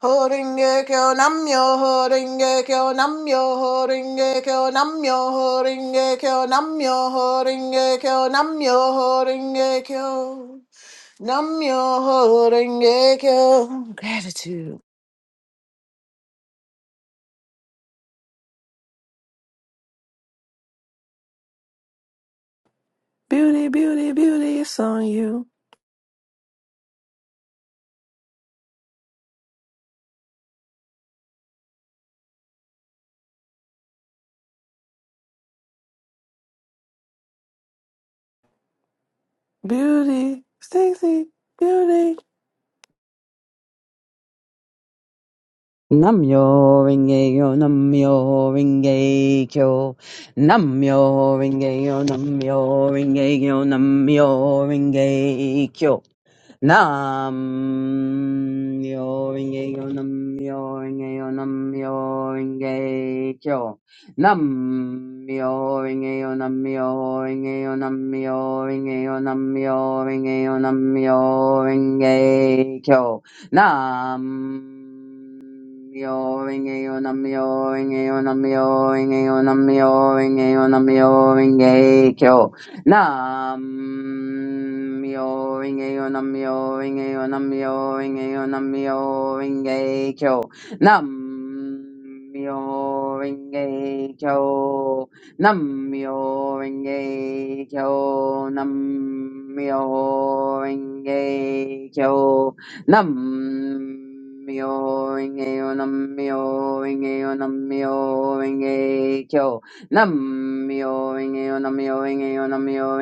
[SPEAKER 3] Horingekyo namyo horingekyo namyo horingekyo namyo horingekyo namyo horingekyo namyo horingekyo namyo horingekyo gratitude.
[SPEAKER 10] Beauty, beauty, beauty, it's on you. Beauty, Stacy, beauty.
[SPEAKER 7] Nam Myo Renge Yo Nam Myo Renge Kyo. Nam Myo Renge Yo Nam Myo Renge Yo Nam Myo Renge Kyo. Nam yoringe yo nam yoringe yo nam yoringe kyo. Nam yoringe yo nam yoringe yo nam yoringe yo nam yoringe yo nam yoringe kyo. Nam Mioring a mioring a mioring a mioring a mioring kyo. Nam mioring a mioring a mioring a mioring kyo. Nam mioring a kyo. Nam mioring a kyo. Nam mioring a kyo. Nam Namyo renge nam Namyo renge nam Namyo Renge-kyo. Namyo renge nam Namyo renge nam Namyo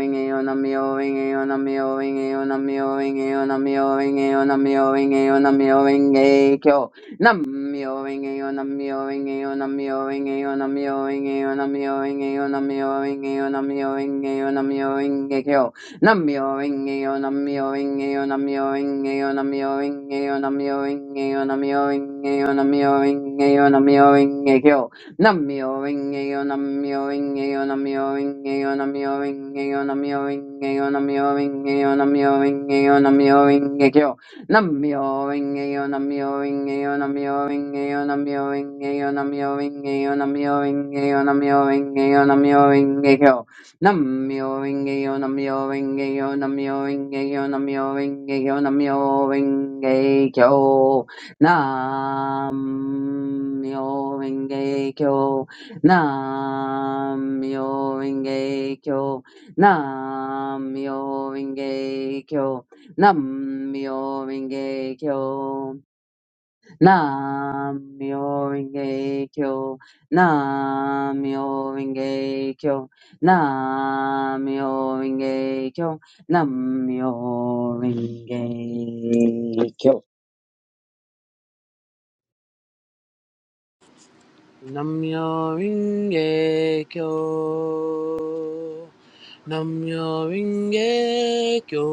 [SPEAKER 7] renge nam Namyo renge nam Namyo renge nam Namyo renge nam Namyo renge nam Namyo renge nam Namyo Renge-kyo. Namyo renge nam Namyo renge nam Namyo renge nam Namyo Renge-yo, Namyo Renge-yo, Namyo Renge-yo, Namyo Renge-yo, Namyo Renge-kyo. Nambyopo, nambyopo, nambyopo, nambyopo, nambyopo, nambyopo, nambyopo, nambyopo, nambyopo, nambyopo, nambyopo, nambyopo, nambyopo, nambyopo, nambyopo, nambyopo, nambyopo. Namyo Rengeyo, Namyo Rengeyo, Namyo Rengeyo, Namyo Rengeyo, Namyo Rengeyo, Namyo Rengeyo, Namyo Rengeyo, Namyo Rengeyo, Namyo Rengeyo. Nam Namyo Renge Kyo. Namyo Renge Kyo. Namyo Renge Kyo. Namyo Renge Kyo.
[SPEAKER 9] Namyo Ringe Kyo. Namyo Ringe Kyo.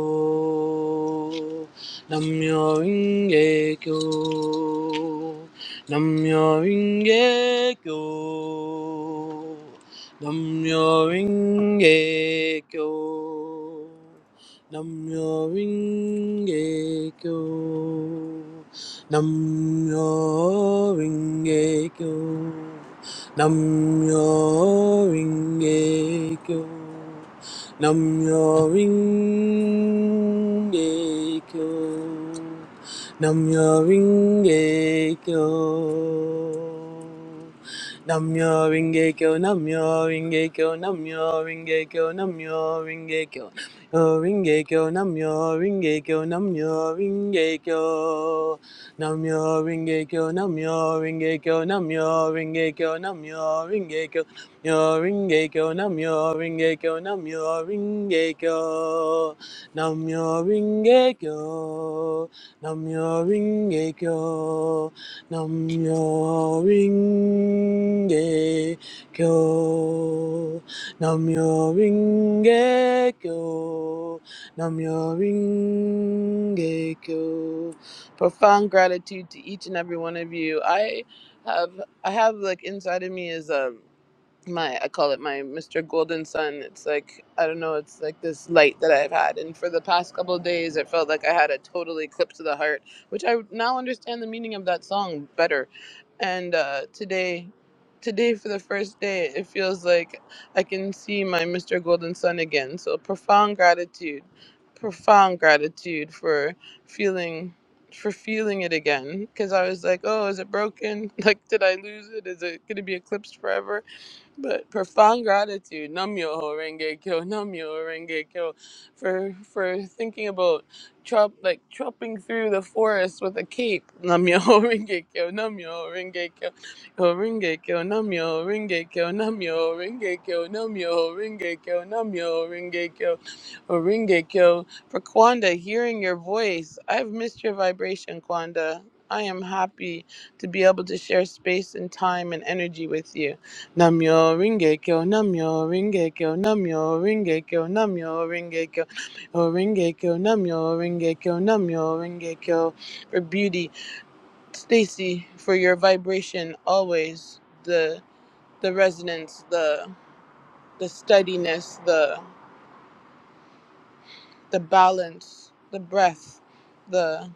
[SPEAKER 9] Namyo Ringe Kyo. Namyo Ringe Kyo. Namyo Ringe Kyo. Namyo Ringe Kyo. Namyo Ringe Kyo. Namyo Ringe Kyo. Namyo Ringe Kyo. Namyo Ringe Kyo. Namyo Ringe Kyo. Namyo Ringe Kyo. Namyo Ringe Kyo. Namyo Ringe Kyo. Namyo Ringe Kyo. Namyo Ringe Kyo. Namyo Ringe Kyo. Namyo Ringekyo, Namyo Ringekyo, Namyo Ringekyo, Namyo Ringekyo, Namyo Ringekyo, Namyo Ringekyo, Namyo Ringekyo, Namyo Ringekyo, Namyo Ringekyo, Namyo Ringekyo, Namyo Ringekyo, Namyo Ringekyo profound gratitude to each and every one of you. I have I have like inside of me is um my I call it my Mr. Golden Sun. It's like I don't know, it's like this light that I've had and for the past couple of days it felt like I had a total eclipse of the heart, which I now understand the meaning of that song better and uh, today today for the first day it feels like i can see my mr golden sun again so profound gratitude profound gratitude for feeling for feeling it again because i was like oh is it broken *laughs* like did i lose it is it going to be eclipsed forever but profound gratitude, Namyo Renge Kyo, Namyo Renge Kyo, for for thinking about trop, like tropping through the forest with a cape, Namyo *laughs* Renge Kyo, Namyo Renge Kyo, Yo Renge Kyo, Namyo Renge Kyo, Namyo Renge Kyo, Namyo Renge Kyo, Namyo Renge Kyo, Yo Renge Kyo. For Kwanda, hearing your voice, I've missed your vibration, Kwanda. I am happy to be able to share space and time and energy with you. Namyo Ringekyo, Namyo Ringekyo, Namyo Ringekyo, Namyo Ringekyo, Namyo Ringekyo, Namyo Ringekyo, Namyo Ringekyo. For beauty, Stacy, for your vibration, always the the resonance, the the steadiness, the the balance, the breath, the.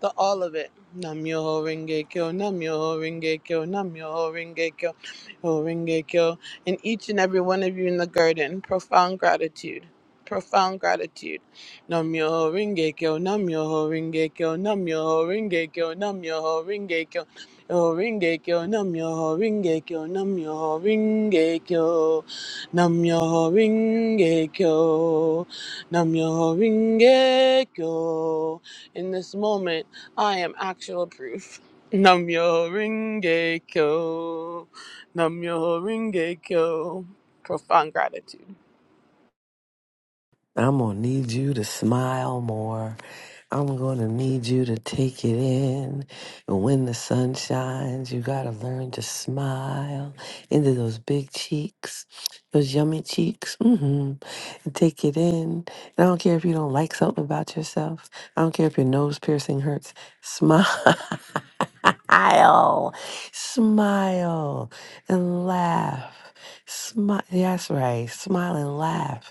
[SPEAKER 9] the all of it. Nam Yoho Renge Kyo, Nam Renge Kyo, Nam Renge Kyo, Yoho Renge Kyo. And each and every one of you in the garden, profound gratitude. Profound gratitude. Nam Yoho Renge Kyo, Nam Yoho Renge Kyo, Nam Renge Kyo, Nam Renge Kyo. Yo ringe kyo nam yo kyo nam yo kyo nam yo kyo nam yo kyo in this moment I am actual proof. Namyo Renge Kyo. Namyo Renge Kyo. Profound gratitude.
[SPEAKER 10] I'm gonna need you to smile more. I'm gonna need you to take it in. And when the sun shines, you gotta learn to smile into those big cheeks, those yummy cheeks. mm hmm And take it in. And I don't care if you don't like something about yourself. I don't care if your nose piercing hurts. Smile. *laughs* Smile and laugh. Smile. That's right. Smile and laugh.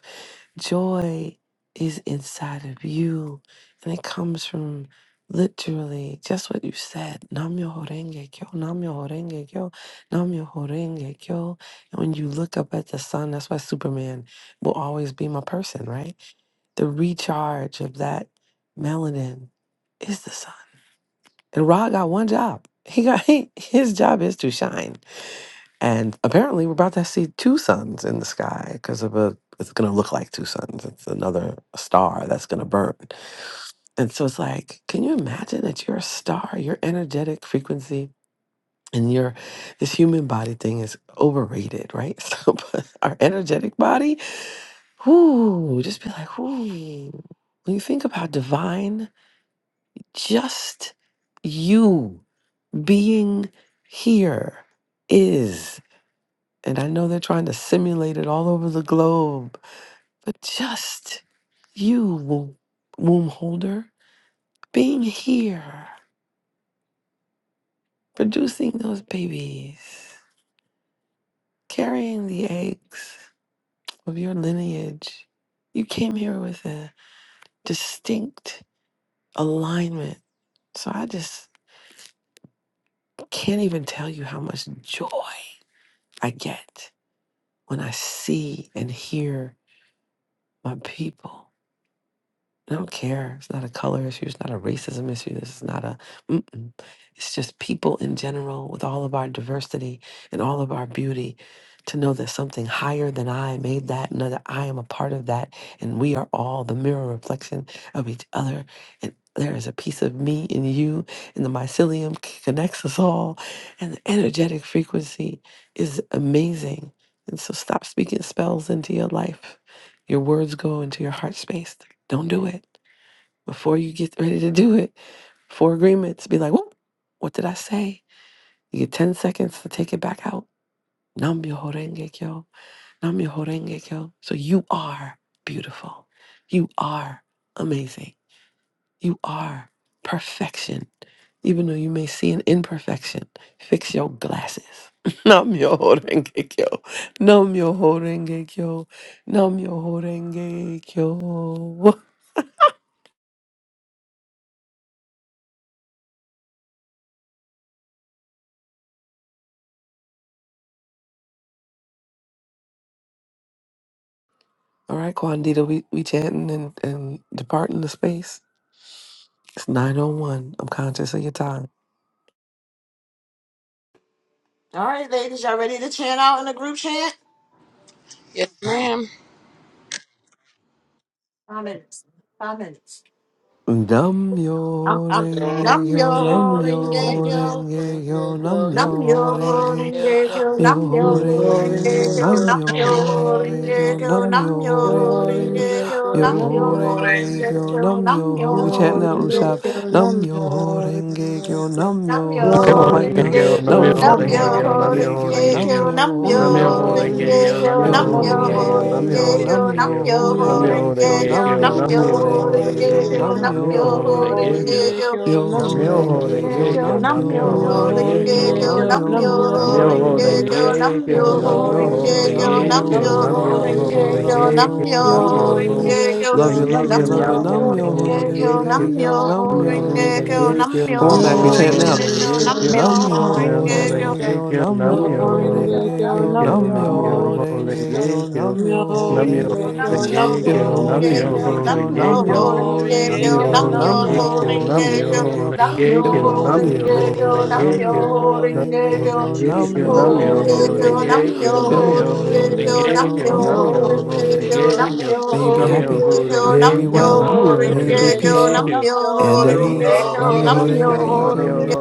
[SPEAKER 10] Joy is inside of you, and it comes from literally just what you said. Nam myoho renge kyo, nam myoho renge kyo, nam myoho renge kyo. And when you look up at the sun, that's why Superman will always be my person, right? The recharge of that melanin is the sun. And Ra got one job. He got *laughs* he, his job is to shine. And apparently, we're about to see two suns in the sky because of a. It's going to look like two suns. It's another star that's going to burn. And so it's like, can you imagine that you're a star, your energetic frequency, and your this human body thing is overrated, right? *laughs* So, but our energetic body, whoo, just be like, whoo. When you think about divine, just you being here is. And I know they're trying to simulate it all over the globe, but just you, womb, womb holder, being here, producing those babies, carrying the eggs of your lineage, you came here with a distinct alignment. So I just can't even tell you how much joy I get when I see and hear my people I don't care. It's not a color issue. It's not a racism issue. This is not a. Mm-mm. It's just people in general, with all of our diversity and all of our beauty, to know that something higher than I made that, know that I am a part of that, and we are all the mirror reflection of each other. And there is a piece of me in you, and the mycelium c- connects us all, and the energetic frequency is amazing. And so, stop speaking spells into your life. Your words go into your heart space don't do it. Before you get ready to do it, four agreements, be like, Whoop, what did I say? You get 10 seconds to take it back out. Nam myoho renge kyo. Nam myoho renge kyo. So you are beautiful. You are amazing. You are perfection. Even though you may see an imperfection, fix your glasses. *laughs* Nam myoho renge kyo. Nam myoho renge kyo. Nam myoho renge kyo. *laughs* All right, Quandita, we, we chatting and, and departing the space. It's 901. I'm conscious of your time.
[SPEAKER 3] All right, ladies, y'all ready to chant out in the group chant?
[SPEAKER 9] Yes, ma'am.
[SPEAKER 3] Five, five minutes.
[SPEAKER 10] Nam
[SPEAKER 3] I'm,
[SPEAKER 10] yo
[SPEAKER 3] I'm,
[SPEAKER 10] renge
[SPEAKER 3] namyo
[SPEAKER 10] yo nam yo
[SPEAKER 3] horingekyo
[SPEAKER 10] renge yo nam
[SPEAKER 3] Nam
[SPEAKER 10] yo
[SPEAKER 3] yo ho
[SPEAKER 10] renge
[SPEAKER 3] renge kyo, nam yo
[SPEAKER 10] Myoho
[SPEAKER 3] ho
[SPEAKER 10] renge
[SPEAKER 3] renge
[SPEAKER 10] kyo
[SPEAKER 3] kyo,
[SPEAKER 10] nam
[SPEAKER 3] nam yo
[SPEAKER 10] myoho
[SPEAKER 3] ho
[SPEAKER 10] renge
[SPEAKER 3] renge
[SPEAKER 10] kyo
[SPEAKER 3] kyo,
[SPEAKER 10] nam
[SPEAKER 3] nam yo
[SPEAKER 10] myoho
[SPEAKER 3] ho
[SPEAKER 10] renge kyo
[SPEAKER 3] renge kyo, nam yo
[SPEAKER 10] myoho
[SPEAKER 3] ho
[SPEAKER 10] renge
[SPEAKER 3] renge
[SPEAKER 10] kyo
[SPEAKER 3] kyo,
[SPEAKER 10] nam
[SPEAKER 3] nam yo
[SPEAKER 10] myoho.
[SPEAKER 9] Yo
[SPEAKER 10] We chant
[SPEAKER 3] ho
[SPEAKER 10] now,
[SPEAKER 3] renge
[SPEAKER 10] Rushab.
[SPEAKER 3] kyo,
[SPEAKER 9] Yoringekyo nam
[SPEAKER 10] Nam myoho renge kyo
[SPEAKER 9] yoringekyo
[SPEAKER 10] nam
[SPEAKER 3] nam
[SPEAKER 10] myoho.
[SPEAKER 3] yo ho
[SPEAKER 10] Come
[SPEAKER 11] Namyoho
[SPEAKER 10] off mic now.
[SPEAKER 3] renge
[SPEAKER 11] Rengekyo,
[SPEAKER 9] Yoringekyo
[SPEAKER 3] kyo,
[SPEAKER 10] Nam
[SPEAKER 11] Namyoho
[SPEAKER 9] nam
[SPEAKER 3] nam
[SPEAKER 10] myoho
[SPEAKER 3] yo
[SPEAKER 11] Rengekyo,
[SPEAKER 3] ho
[SPEAKER 10] renge
[SPEAKER 11] Namyoho
[SPEAKER 10] kyo
[SPEAKER 3] renge
[SPEAKER 9] yoringekyo
[SPEAKER 10] nam
[SPEAKER 11] Rengekyo,
[SPEAKER 3] kyo, nam
[SPEAKER 9] nam
[SPEAKER 10] myoho
[SPEAKER 3] yo
[SPEAKER 11] Namyoho
[SPEAKER 3] ho
[SPEAKER 10] renge kyo
[SPEAKER 3] renge
[SPEAKER 11] Rengekyo,
[SPEAKER 3] kyo,
[SPEAKER 9] yoringekyo
[SPEAKER 11] Namyoho
[SPEAKER 3] nam yo ho renge kyo, nam
[SPEAKER 10] myoho
[SPEAKER 9] nam
[SPEAKER 3] yo ho
[SPEAKER 11] Rengekyo,
[SPEAKER 10] renge kyo
[SPEAKER 3] renge
[SPEAKER 11] Namyoho
[SPEAKER 9] yoringekyo
[SPEAKER 3] kyo,
[SPEAKER 10] nam
[SPEAKER 3] nam
[SPEAKER 11] Rengekyo,
[SPEAKER 3] yo
[SPEAKER 10] myoho
[SPEAKER 3] ho
[SPEAKER 10] renge
[SPEAKER 11] Namyoho
[SPEAKER 10] kyo
[SPEAKER 3] renge kyo,
[SPEAKER 10] nam
[SPEAKER 11] Rengekyo,
[SPEAKER 3] nam
[SPEAKER 9] nam
[SPEAKER 10] myoho
[SPEAKER 11] Namyoho
[SPEAKER 10] renge kyo nam
[SPEAKER 11] Rengekyo,
[SPEAKER 9] yoringekyo
[SPEAKER 3] yo
[SPEAKER 10] myoho
[SPEAKER 9] nam
[SPEAKER 3] ho
[SPEAKER 10] renge
[SPEAKER 3] renge kyo,
[SPEAKER 9] yoringekyo nam yoringekyo nam
[SPEAKER 10] myoho
[SPEAKER 11] Namyoho
[SPEAKER 10] renge kyo
[SPEAKER 3] Kyo
[SPEAKER 9] yoringekyo
[SPEAKER 11] Rengekyo,
[SPEAKER 10] nam
[SPEAKER 3] nam yo
[SPEAKER 10] myoho
[SPEAKER 3] ho
[SPEAKER 11] Namyoho
[SPEAKER 10] renge
[SPEAKER 3] ringe
[SPEAKER 11] Rengekyo,
[SPEAKER 10] kyo
[SPEAKER 3] kyo
[SPEAKER 9] nam yoringekyo nam
[SPEAKER 10] nam
[SPEAKER 9] yoringekyo
[SPEAKER 3] nam yo
[SPEAKER 9] nam
[SPEAKER 10] myoho
[SPEAKER 3] ho
[SPEAKER 10] renge
[SPEAKER 11] Namyoho
[SPEAKER 3] ringe
[SPEAKER 10] kyo
[SPEAKER 3] kyo nam yo
[SPEAKER 11] Rengekyo,
[SPEAKER 3] ho
[SPEAKER 10] Horenge
[SPEAKER 11] Namyoho
[SPEAKER 3] ringe
[SPEAKER 10] kyo
[SPEAKER 11] Rengekyo, Namyoho
[SPEAKER 3] kyo
[SPEAKER 10] namyo,
[SPEAKER 9] yoringekyo
[SPEAKER 3] nam
[SPEAKER 9] nam
[SPEAKER 11] Rengekyo,
[SPEAKER 3] yo ho
[SPEAKER 10] horenge
[SPEAKER 11] Namyoho
[SPEAKER 3] ringe
[SPEAKER 10] kyo
[SPEAKER 3] kyo
[SPEAKER 9] yoringekyo
[SPEAKER 10] namyo,
[SPEAKER 3] nam
[SPEAKER 11] Rengekyo,
[SPEAKER 3] yo ho ringe kyo nam yo ho
[SPEAKER 10] horenge
[SPEAKER 9] Yo
[SPEAKER 10] kyo.
[SPEAKER 3] ringe
[SPEAKER 11] Namyoho
[SPEAKER 9] ringe
[SPEAKER 3] kyo
[SPEAKER 10] Love you,
[SPEAKER 9] kyo nam
[SPEAKER 10] love you,
[SPEAKER 11] Rengekyo,
[SPEAKER 3] nam
[SPEAKER 9] yo
[SPEAKER 10] love
[SPEAKER 3] yo
[SPEAKER 10] you,
[SPEAKER 3] ho
[SPEAKER 10] namyo,
[SPEAKER 9] ringe
[SPEAKER 11] Namyoho
[SPEAKER 3] ringe
[SPEAKER 9] kyo
[SPEAKER 3] kyo
[SPEAKER 10] horenge
[SPEAKER 9] nam
[SPEAKER 11] Rengekyo,
[SPEAKER 3] nam
[SPEAKER 10] kyo
[SPEAKER 3] yo
[SPEAKER 9] yo
[SPEAKER 3] ho
[SPEAKER 10] namyo,
[SPEAKER 3] ringe
[SPEAKER 9] ringe
[SPEAKER 10] horenge
[SPEAKER 3] kyo
[SPEAKER 9] kyo
[SPEAKER 10] kyo.
[SPEAKER 3] nam
[SPEAKER 11] Nam-myoho-renge-kyo,
[SPEAKER 3] yo
[SPEAKER 10] Come on,
[SPEAKER 9] yo
[SPEAKER 3] ho
[SPEAKER 10] Mac, we chant now.
[SPEAKER 3] ringe
[SPEAKER 9] ringe
[SPEAKER 3] kyo
[SPEAKER 9] kyo
[SPEAKER 3] nam
[SPEAKER 11] Nam-myoho-renge-kyo,
[SPEAKER 9] nam
[SPEAKER 3] yo ho
[SPEAKER 9] yo
[SPEAKER 10] Namyo
[SPEAKER 3] ringe
[SPEAKER 9] ringe
[SPEAKER 3] kyo nam yo
[SPEAKER 10] renge
[SPEAKER 9] kyo
[SPEAKER 10] kyo,
[SPEAKER 11] Nam-myoho-renge-kyo,
[SPEAKER 3] ho
[SPEAKER 9] yo
[SPEAKER 10] namyo
[SPEAKER 3] ringe
[SPEAKER 9] ringe
[SPEAKER 3] kyo
[SPEAKER 10] renge
[SPEAKER 9] kyo
[SPEAKER 3] nam
[SPEAKER 10] kyo,
[SPEAKER 9] nam
[SPEAKER 11] Nam-myoho-renge-kyo,
[SPEAKER 9] yo
[SPEAKER 3] yo
[SPEAKER 10] namyo
[SPEAKER 3] ho ringe
[SPEAKER 9] ringe
[SPEAKER 10] renge
[SPEAKER 9] kyo
[SPEAKER 10] kyo,
[SPEAKER 11] Nam-myoho-renge-kyo,
[SPEAKER 10] namyo
[SPEAKER 9] yo
[SPEAKER 3] kyo
[SPEAKER 9] ringe
[SPEAKER 10] renge
[SPEAKER 9] kyo
[SPEAKER 10] kyo,
[SPEAKER 3] Nam
[SPEAKER 9] nam
[SPEAKER 12] Namyo
[SPEAKER 10] yo
[SPEAKER 9] yo
[SPEAKER 11] Nam-myoho-renge-kyo,
[SPEAKER 10] renge
[SPEAKER 9] ringe kyo
[SPEAKER 10] kyo,
[SPEAKER 11] Nam-myoho-renge-kyo,
[SPEAKER 9] yo
[SPEAKER 12] Renge
[SPEAKER 10] namyo
[SPEAKER 9] ringe
[SPEAKER 10] renge
[SPEAKER 9] kyo
[SPEAKER 10] kyo,
[SPEAKER 12] Kyo,
[SPEAKER 9] nam yo
[SPEAKER 10] namyo
[SPEAKER 11] Nam-myoho-renge-kyo,
[SPEAKER 10] renge kyo,
[SPEAKER 9] ringe kyo
[SPEAKER 10] yo
[SPEAKER 11] Nam-myoho-renge-kyo,
[SPEAKER 9] yo ringe kyo
[SPEAKER 10] renge kyo,
[SPEAKER 9] nam
[SPEAKER 10] namyo
[SPEAKER 11] Nam-myoho-renge-kyo,
[SPEAKER 9] yo
[SPEAKER 10] renge
[SPEAKER 9] ringe
[SPEAKER 10] kyo,
[SPEAKER 9] kyo
[SPEAKER 12] Namyo
[SPEAKER 11] Nam-myoho-renge-kyo,
[SPEAKER 10] namyo
[SPEAKER 12] Renge
[SPEAKER 9] Namyo
[SPEAKER 10] renge
[SPEAKER 12] Kyo,
[SPEAKER 10] kyo,
[SPEAKER 12] Namyo
[SPEAKER 11] Nam-myoho-renge-kyo,
[SPEAKER 10] yo
[SPEAKER 12] Renge Kyo,
[SPEAKER 10] renge
[SPEAKER 9] Ringe Kyo,
[SPEAKER 12] Namyo
[SPEAKER 9] Namyo
[SPEAKER 10] kyo,
[SPEAKER 11] Nam-myoho-renge-kyo,
[SPEAKER 12] Renge
[SPEAKER 9] Namyo
[SPEAKER 10] namyo
[SPEAKER 12] Kyo,
[SPEAKER 10] renge
[SPEAKER 9] Rinpoche,
[SPEAKER 10] kyo.
[SPEAKER 11] Nam-myoho-renge-kyo,
[SPEAKER 9] Namyo
[SPEAKER 10] May you be
[SPEAKER 12] Namyo Renge Kyo, Namyo
[SPEAKER 10] happy,
[SPEAKER 12] Renge
[SPEAKER 9] Rinpoche,
[SPEAKER 12] Kyo, Namyo Renge Kyo,
[SPEAKER 10] may you be
[SPEAKER 11] Nam-myoho-renge-kyo,
[SPEAKER 12] Namyo
[SPEAKER 10] well,
[SPEAKER 12] Renge
[SPEAKER 9] Namyo
[SPEAKER 10] may you
[SPEAKER 12] Kyo,
[SPEAKER 10] be peaceful
[SPEAKER 11] Nam-myoho-renge-kyo,
[SPEAKER 10] and
[SPEAKER 12] Namyo
[SPEAKER 10] at
[SPEAKER 12] Renge
[SPEAKER 11] Namyoho
[SPEAKER 9] Rinpoche,
[SPEAKER 10] ease.
[SPEAKER 11] Renge
[SPEAKER 9] Namyo
[SPEAKER 10] Namyo
[SPEAKER 12] Kyo, Namyo
[SPEAKER 3] yo
[SPEAKER 12] Renge
[SPEAKER 11] Kyo,
[SPEAKER 10] renge
[SPEAKER 12] Kyo,
[SPEAKER 9] Rinpoche,
[SPEAKER 10] kyo,
[SPEAKER 11] Namyoho